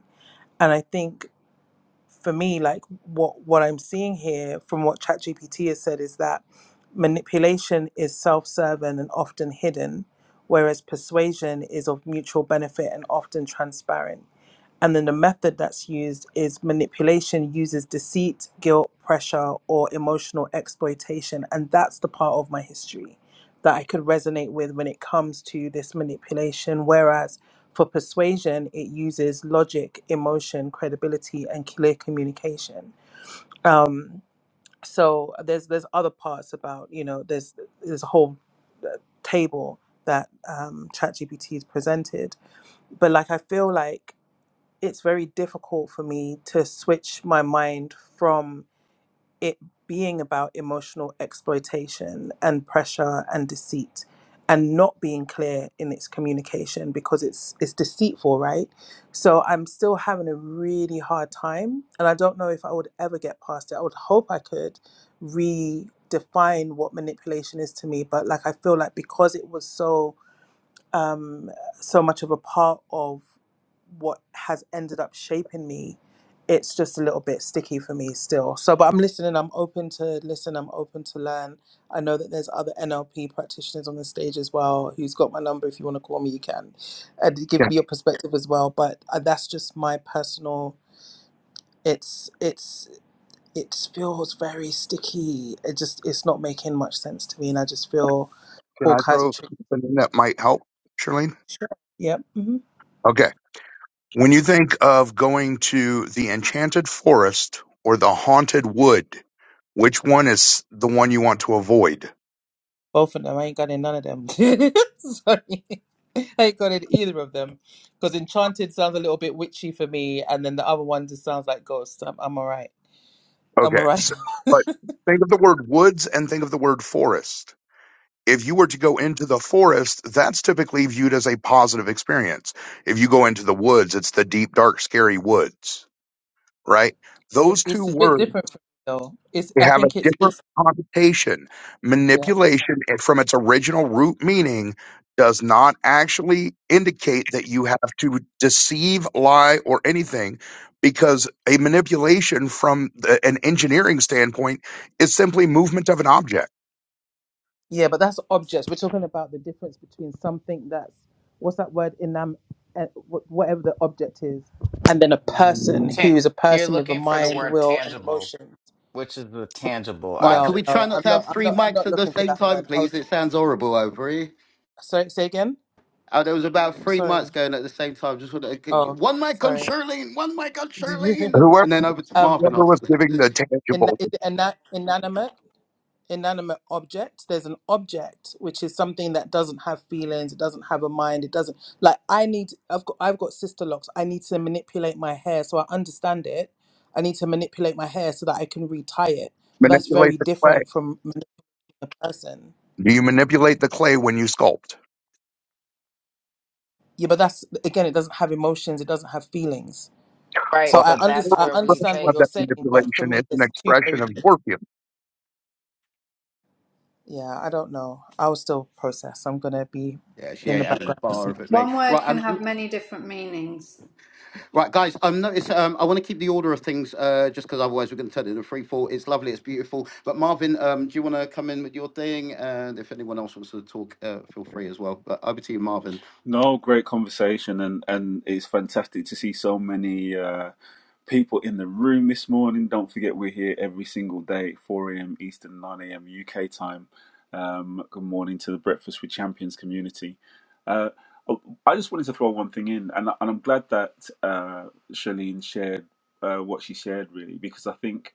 Speaker 1: And I think for me, like what what I'm seeing here from what ChatGPT has said is that manipulation is self-serving and often hidden, whereas persuasion is of mutual benefit and often transparent. And then the method that's used is manipulation uses deceit, guilt, pressure, or emotional exploitation. And that's the part of my history that I could resonate with when it comes to this manipulation. Whereas for persuasion, it uses logic, emotion, credibility, and clear communication. So there's there's other parts about you know there's there's a whole uh, table that um, ChatGPT is presented, but like I feel like it's very difficult for me to switch my mind from it being about emotional exploitation and pressure and deceit and not being clear in its communication because it's it's deceitful right so i'm still having a really hard time and i don't know if i would ever get past it i would hope i could redefine what manipulation is to me but like i feel like because it was so um, so much of a part of what has ended up shaping me. It's just a little bit sticky for me still. So, but I'm listening. I'm open to listen. I'm open to learn. I know that there's other NLP practitioners on the stage as well. Who's got my number? If you want to call me, you can, and give
Speaker 5: Can,
Speaker 1: me your perspective as well. But uh, that's just my personal. It's it's it feels very sticky. It just it's not making much sense to me, and I just feel
Speaker 5: can
Speaker 1: all
Speaker 5: I
Speaker 1: kinds of.
Speaker 5: throw
Speaker 1: Tri-
Speaker 5: something in that might help, Charlene?
Speaker 1: sure. Yep. mm-hmm.
Speaker 5: Okay. When you think of going to the enchanted forest or the haunted wood, which one is the one you want to avoid?
Speaker 1: Both of them. I ain't got in none of them. Sorry. I ain't got in either of them. Because Enchanted sounds a little bit witchy for me, and then the other one just sounds like ghosts. I'm, I'm all right. I'm all
Speaker 5: Okay.
Speaker 1: right.
Speaker 5: So, but think of the word woods and think of the word forest if you were to go into the forest, that's typically viewed as a positive experience. If you go into the woods, it's the deep, dark, scary woods, right? Those two
Speaker 1: It's a bit
Speaker 5: words
Speaker 1: different for me, though. It's,
Speaker 5: they
Speaker 1: I
Speaker 5: have a
Speaker 1: think it's,
Speaker 5: different
Speaker 1: it's,
Speaker 5: connotation.
Speaker 1: yeah.
Speaker 5: Manipulation it- from its original root meaning does not actually indicate that you have to deceive, lie, or anything because a manipulation from the, an engineering standpoint is simply movement of an object.
Speaker 1: Yeah, but that's objects. We're talking about the difference between something that's, what's that word, enam, eh, wh- whatever the object is, and then a person
Speaker 8: Tan-
Speaker 1: who's a
Speaker 8: You're
Speaker 1: person with a
Speaker 8: looking for the
Speaker 1: mind,
Speaker 8: word
Speaker 1: will, and
Speaker 8: tangible,
Speaker 1: emotion.
Speaker 8: which is the tangible
Speaker 2: All right, could
Speaker 1: No,
Speaker 2: we
Speaker 8: object.
Speaker 2: try
Speaker 1: no,
Speaker 2: not
Speaker 1: I'm
Speaker 2: to
Speaker 1: not.
Speaker 2: have
Speaker 1: I'm
Speaker 2: three
Speaker 1: not. I'm
Speaker 2: mics
Speaker 1: not
Speaker 2: at the
Speaker 1: looking for
Speaker 2: same
Speaker 1: that
Speaker 2: time,
Speaker 1: word. I
Speaker 2: please?
Speaker 1: was.
Speaker 2: It sounds horrible over here.
Speaker 1: Sorry, say again.
Speaker 2: Oh, there was about three mics
Speaker 1: Sorry.
Speaker 2: going at the same time. Just wanna-
Speaker 1: Oh,
Speaker 2: one mic on
Speaker 1: sorry.
Speaker 2: Shirlene, one mic on Shirlene,
Speaker 5: Whoever
Speaker 2: and then over to
Speaker 1: um,
Speaker 2: Marvin
Speaker 5: whoever
Speaker 2: after
Speaker 5: was
Speaker 2: that.
Speaker 5: giving the
Speaker 1: in,
Speaker 5: tangible.
Speaker 1: in, in, inanimate, inanimate object. There's an object which is something that doesn't have feelings. It doesn't have a mind. It doesn't like. I need. I've got. I've got sister locks. I need to manipulate my hair so I understand it. I need to manipulate my hair so that I can retie it. But that's very
Speaker 5: Manipulate the clay.
Speaker 1: different from a person.
Speaker 5: Do you manipulate the clay when you sculpt?
Speaker 1: Yeah, but that's again. It doesn't have emotions. It doesn't have feelings. So
Speaker 8: Right.
Speaker 5: But
Speaker 1: I
Speaker 8: But
Speaker 5: it's
Speaker 8: that's
Speaker 5: not an
Speaker 1: understand.
Speaker 8: where
Speaker 1: I
Speaker 8: we
Speaker 1: understand
Speaker 5: expression
Speaker 1: what
Speaker 5: of
Speaker 8: take.
Speaker 1: you're
Speaker 5: that
Speaker 1: saying, but for
Speaker 5: manipulation,
Speaker 1: me,
Speaker 5: it's an
Speaker 1: there's two very
Speaker 5: expression of
Speaker 1: different.
Speaker 5: your feelings.
Speaker 1: Yeah, I don't know. I was still process. I'm gonna be
Speaker 2: Yeah, she
Speaker 1: in the
Speaker 2: ain't having a
Speaker 1: background
Speaker 2: bar
Speaker 1: listening.
Speaker 2: of it, mate.
Speaker 9: One word
Speaker 2: Right,
Speaker 9: can
Speaker 2: um,
Speaker 9: have many different meanings.
Speaker 2: right, guys. Um, notice. Um, I want to keep the order of things. Uh, just because otherwise we're going to turn it into free fall. It's lovely. It's beautiful. But Marvin, um, do you want to come in with your thing? And if anyone else wants to talk, uh, feel free as well. But over to you, Marvin.
Speaker 10: No, great conversation, and and it's fantastic to see so many uh, people in the room this morning. Don't forget, we're here every single day, 4 a.m. Eastern, 9 a.m. UK time. Um, good morning to the Breakfast with Champions community. Uh, oh, I just wanted to throw one thing in, and and I'm glad that uh, Charlene shared uh, what she shared, really, because I think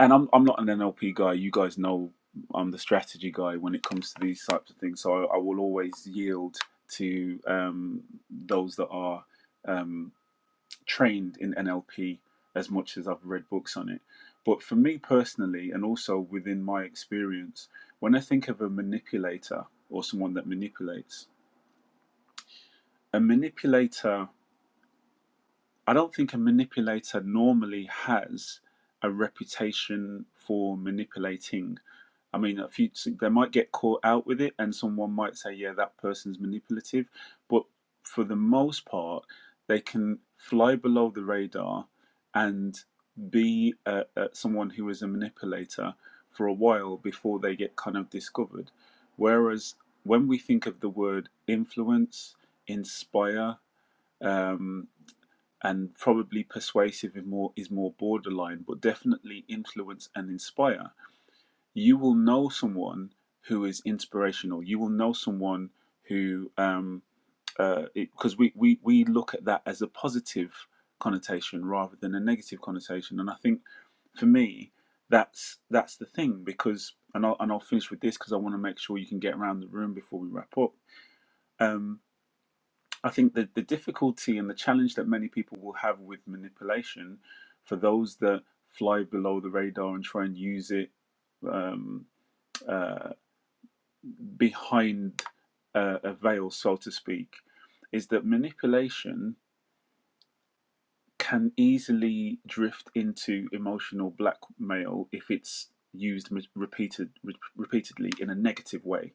Speaker 10: and I'm I'm not an NLP guy. You guys know I'm the strategy guy when it comes to these types of things. So I, I will always yield to um, those that are um, trained in NLP as much as I've read books on it. But for me personally, and also within my experience, when I think of a manipulator or someone that manipulates, a manipulator I don't think a manipulator normally has a reputation for manipulating. I mean, a few they might get caught out with it, and someone might say, "Yeah, that person's manipulative," but for the most part, they can fly below the radar and be uh, uh, someone who is a manipulator for a while before they get kind of discovered. Whereas when we think of the word influence, inspire, um, and probably persuasive is more is more borderline, but definitely influence and inspire. You will know someone who is inspirational. You will know someone who um uh because we, we we look at that as a positive connotation rather than a negative connotation, and I think for me that's that's the thing because and I'll and I'll finish with this because I want to make sure you can get around the room before we wrap up. Um, I think that the difficulty and the challenge that many people will have with manipulation for those that fly below the radar and try and use it um, behind uh, a veil, so to speak, is that manipulation can easily drift into emotional blackmail if it's used repeated re- repeatedly in a negative way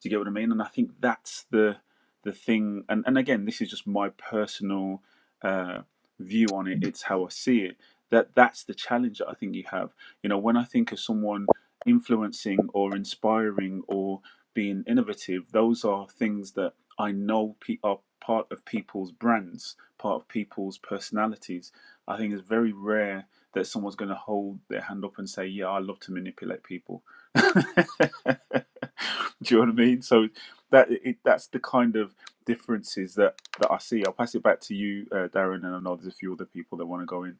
Speaker 10: Do you get what I mean? And I think that's the the thing. And and again, this is just my personal uh, view on it. It's how I see it. That that's the challenge that I think you have. You know, when I think of someone influencing or inspiring or being innovative, those are things that I know pe- are part of people's brands, part of people's personalities. I think it's very rare that someone's going to hold their hand up and say, "Yeah, I love to manipulate people." Do you know what I mean? So that it, that's the kind of differences that that I see. I'll pass it back to you, uh, Darren, and I know there's a few other people that want to go in.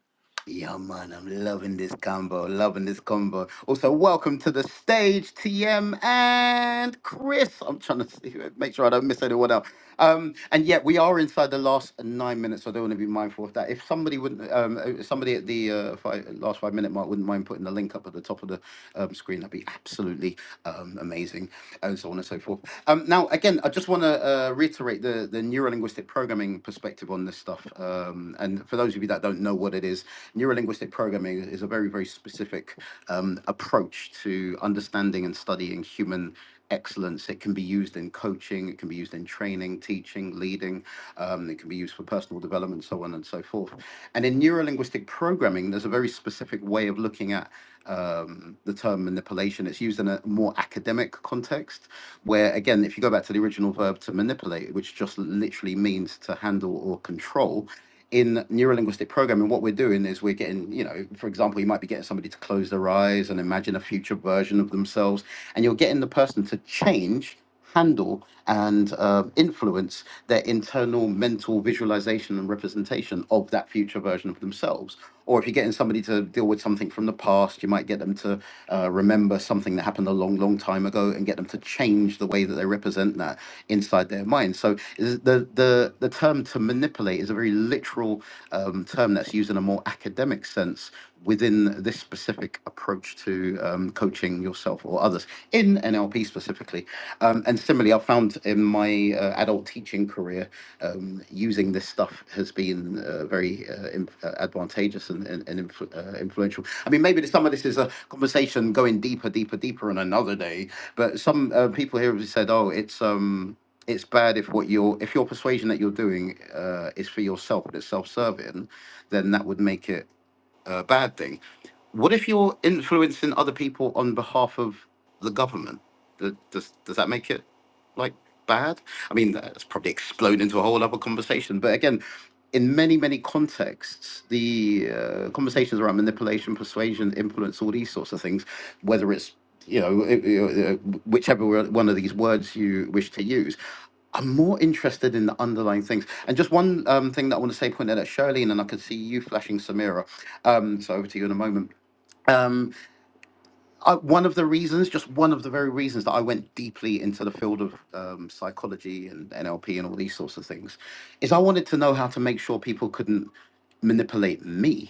Speaker 2: Yeah, man, I'm loving this combo, loving this combo. Also, welcome to the stage, TM and Chris. I'm trying to see, make sure I don't miss anyone out. Um, and yet we are inside the last nine minutes, so I don't want to be mindful of that. If somebody wouldn't, um, if somebody at the uh, five, last five minute mark wouldn't mind putting the link up at the top of the um, screen, that'd be absolutely um, amazing, and so on and so forth. Um, now, again, I just want to want to uh, reiterate the the neurolinguistic programming perspective on this stuff. Um, and for those of you that don't know what it is, neurolinguistic programming is a very very specific um, approach to understanding and studying human excellence. It can be used in coaching, it can be used in training, teaching, leading. Um, it can be used for personal development, so on and so forth. And in neurolinguistic programming, there's a very specific way of looking at um, the term manipulation. It's used in a more academic context, where again, if you go back to the original verb to manipulate, which just literally means to handle or control, in neurolinguistic programming, what we're doing is we're getting, you know, for example, you might be getting somebody to close their eyes and imagine a future version of themselves, and you're getting the person to change, handle, and uh, influence their internal mental visualization and representation of that future version of themselves. Or if you're getting somebody to deal with something from the past, you might get them to uh, remember something that happened a long, long time ago and get them to change the way that they represent that inside their mind. So is- the the the term to manipulate is a very literal um, term that's used in a more academic sense within this specific approach to um, coaching yourself or others in NLP specifically. Um, and similarly, I've found in my uh, adult teaching career, um, using this stuff has been uh, very uh, in, uh, advantageous and, and, and influ- uh, influential. I mean, maybe some of this is a conversation going deeper, deeper, deeper on another day. But some uh, people here have said, "Oh, it's." Um, it's bad if what you're if your persuasion that you're doing uh, is for yourself but it's self-serving then that would make it a bad thing. What if you're influencing other people on behalf of the government? Th- Does, does that make it like bad? I mean, that's probably exploded into a whole other conversation. But again, in many, many contexts, the uh, conversations around manipulation, persuasion, influence, all these sorts of things, whether it's you know, i- i- uh, whichever one of these words you wish to use, I'm more interested in the underlying things. And just one um, thing that I want to say, pointed at Shirley, and then I can see you flashing Samira. Um, so over to you in a moment. Um, I, one of the reasons, just one of the very reasons that I went deeply into the field of um, psychology and NLP and all these sorts of things, is I wanted to know how to make sure people couldn't manipulate me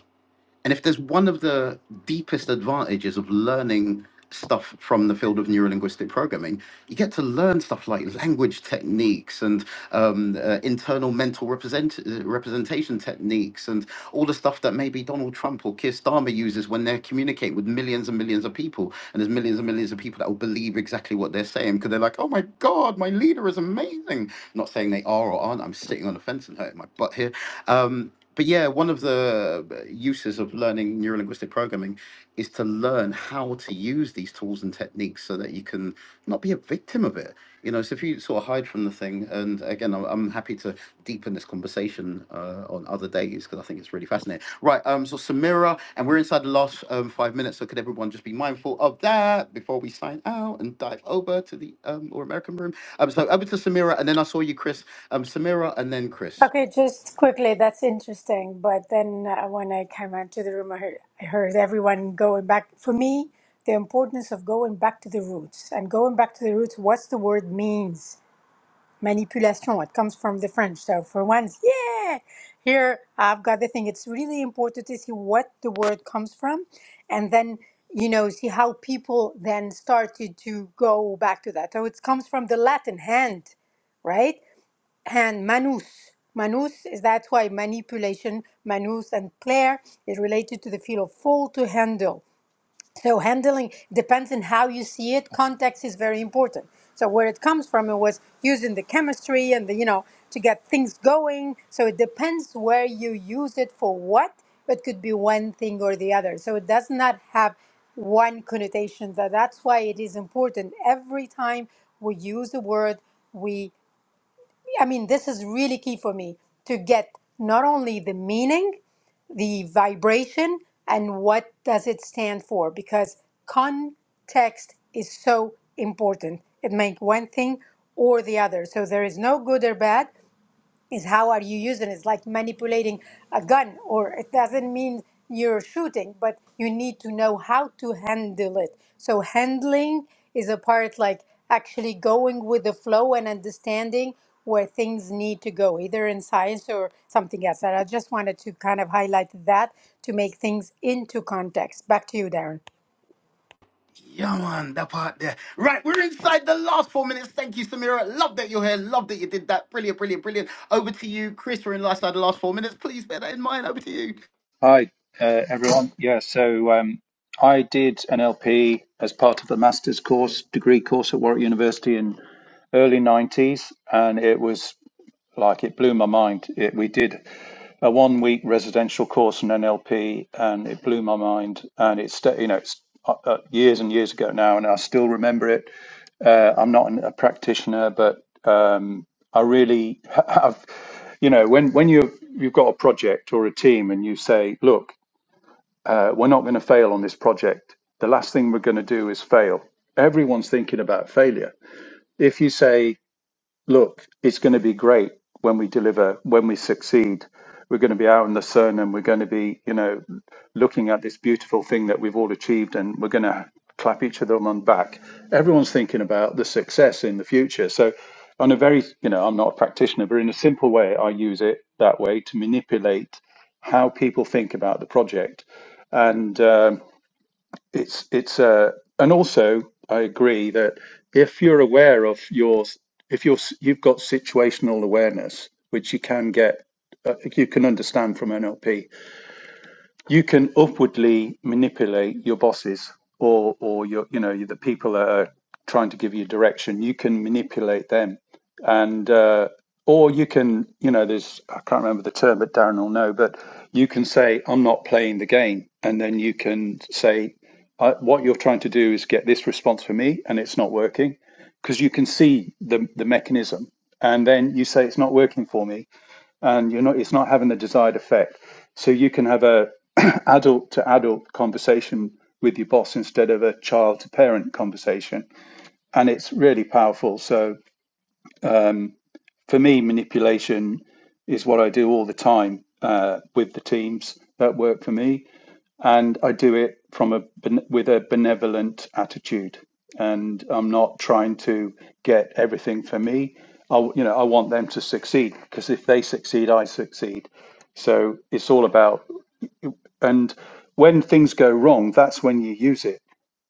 Speaker 2: and if there's one of the deepest advantages of learning stuff from the field of neurolinguistic programming, you get to learn stuff like language techniques and um, uh, internal mental represent- uh, representation techniques and all the stuff that maybe Donald Trump or Keir Starmer uses when they're communicating with millions and millions of people. And there's millions and millions of people that will believe exactly what they're saying because they're like, oh my God, my leader is amazing. not saying they are or aren't. I'm sitting on the fence and hurting my butt here. Um, but yeah, one of the uh, uses of learning neurolinguistic programming is to learn how to use these tools and techniques so that you can not be a victim of it. You know, so if you sort of hide from the thing, and again, I'm, I'm happy to deepen this conversation uh, on other days because I think it's really fascinating. Right, um, so Samira, and we're inside the last um, five minutes, so could everyone just be mindful of that before we sign out and dive over to the um, or American room? Um, so over to Samira, and then I saw you, Chris. Um, Samira, and then Chris.
Speaker 7: Okay, just quickly, that's interesting. But then uh, when I came out to the room, I heard, I heard everyone going back. For me, the importance of going back to the roots and going back to the roots, what's the word means. manipulation. It comes from the French. So for once, yeah, here I've got the thing. It's really important to see what the word comes from, and then you know see how people then started to go back to that. So it comes from the Latin hand, right? Hand manus. Manus is that's why manipulation, manus, and player is related to the feel of fall to handle. So handling depends on how you see it. Context is very important. So where it comes from, it was using the chemistry and the you know to get things going. So it depends where you use it for what. It could be one thing or the other. So it does not have one connotation. That that's why it is important every time we use a word. we I mean, this is really key for me to get not only the meaning, the vibration, and what does it stand for, because context is so important. It may one thing or the other. So there is no good or bad is how are you using it? It's like manipulating a gun, or it doesn't mean you're shooting, but you need to know how to handle it. So handling is a part like actually going with the flow and understanding where things need to go, either in science or something else. And I just wanted to kind of highlight that to make things into context. Back to you, Darren.
Speaker 2: Yeah, man, that part there. Right, we're inside the last four minutes. Thank you, Samira. Love that you're here. Love that you did that. Brilliant, brilliant, brilliant. Over to you, Chris. We're in last the last four minutes. Please bear that in mind. Over to you.
Speaker 11: Hi, uh, everyone. Yeah, so um, I did an LP as part of the master's course, degree course at Warwick University in early 90s, and it was like it blew my mind. It, we did a one week residential course in NLP, and it blew my mind. And it's, sta- you know, it's uh, uh, years and years ago now, and I still remember it. Uh, I'm not an, a practitioner, but um, I really have, you know, when when you you've got a project or a team, and you say, look. Uh, we're not going to fail on this project. The last thing we're going to do is fail. Everyone's thinking about failure. If you say, look, it's going to be great when we deliver, when we succeed. We're going to be out in the sun and we're going to be, you know, looking at this beautiful thing that we've all achieved and we're going to clap each other on the back. Everyone's thinking about the success in the future. So, on a very, you know, I'm not a practitioner, but in a simple way, I use it that way to manipulate how people think about the project. And um, it's it's uh and also I agree that if you're aware of your if you're you've got situational awareness, which you can get, uh, you can understand from NLP, you can upwardly manipulate your bosses or or your you know the people that are trying to give you direction you can manipulate them and uh, or you can you know there's i can't remember the term but darren will know but you can say i'm not playing the game and then you can say I, what you're trying to do is get this response from me and it's not working because you can see the the mechanism and then you say it's not working for me and you're not it's not having the desired effect so you can have a adult to adult conversation with your boss instead of a child to parent conversation and it's really powerful so for me manipulation is what i do all the time uh, with the teams that work for me and I do it from a with a benevolent attitude, and I'm not trying to get everything for me. I, you know I want them to succeed because if they succeed, I succeed. So it's all about and when things go wrong, that's when you use it.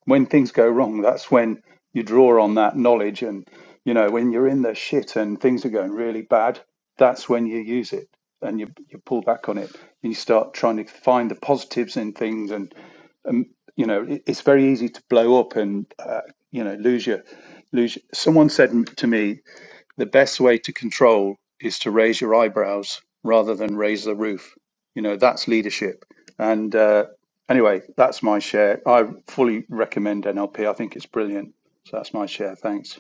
Speaker 11: When things go wrong, that's when you draw on that knowledge and you know when you're in the shit and things are going really bad, that's when you use it and you you pull back on it and you start trying to find the positives in things and you know it, it's very easy to blow up and uh, you know lose your lose your- someone said to me the best way to control is to raise your eyebrows rather than raise the roof you know that's leadership and uh, anyway that's my share i fully recommend nlp i think it's brilliant so that's my share thanks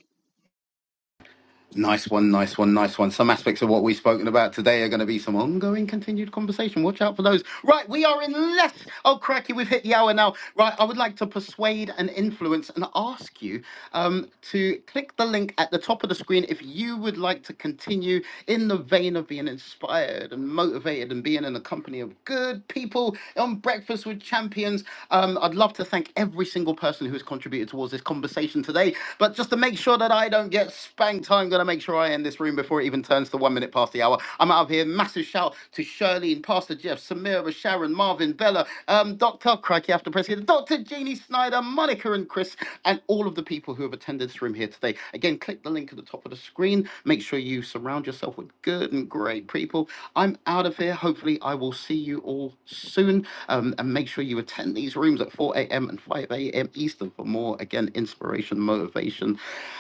Speaker 2: Nice one, nice one, nice one. Some aspects of what we've spoken about today are going to be some ongoing, continued conversation. Watch out for those. Right, we are in less. Oh, cracky, we've hit the hour now. Right, I would like to persuade and influence and ask you um, to click the link at the top of the screen if you would like to continue in the vein of being inspired and motivated and being in the company of good people done Breakfast with Champions. Um, I'd love to thank every single person who's contributed towards this conversation today. But just to make sure that I don't get spanked, I'm going to make sure I end this room before it even turns to one minute past the hour. I'm out of here. Massive shout to Shirley Pastor Jeff, Samira, Sharon, Marvin, Bella, um, Dr. Crikey after President, Dr. Jeannie Snyder, Monica and Chris, and all of the people who have attended this room here today. Again, Again, click the link at the top of the screen. Make sure you surround yourself with good and great people. I'm out of here. Hopefully, I will see you all soon. Um, and make sure you attend these rooms at 4 a.m. and 5 a.m. Eastern for more, again, inspiration, motivation,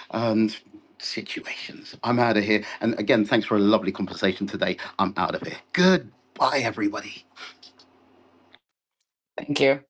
Speaker 2: and situations. I'm out of here. And again, thanks for a lovely conversation today. I'm out of here. Goodbye, everybody.
Speaker 8: Thank you.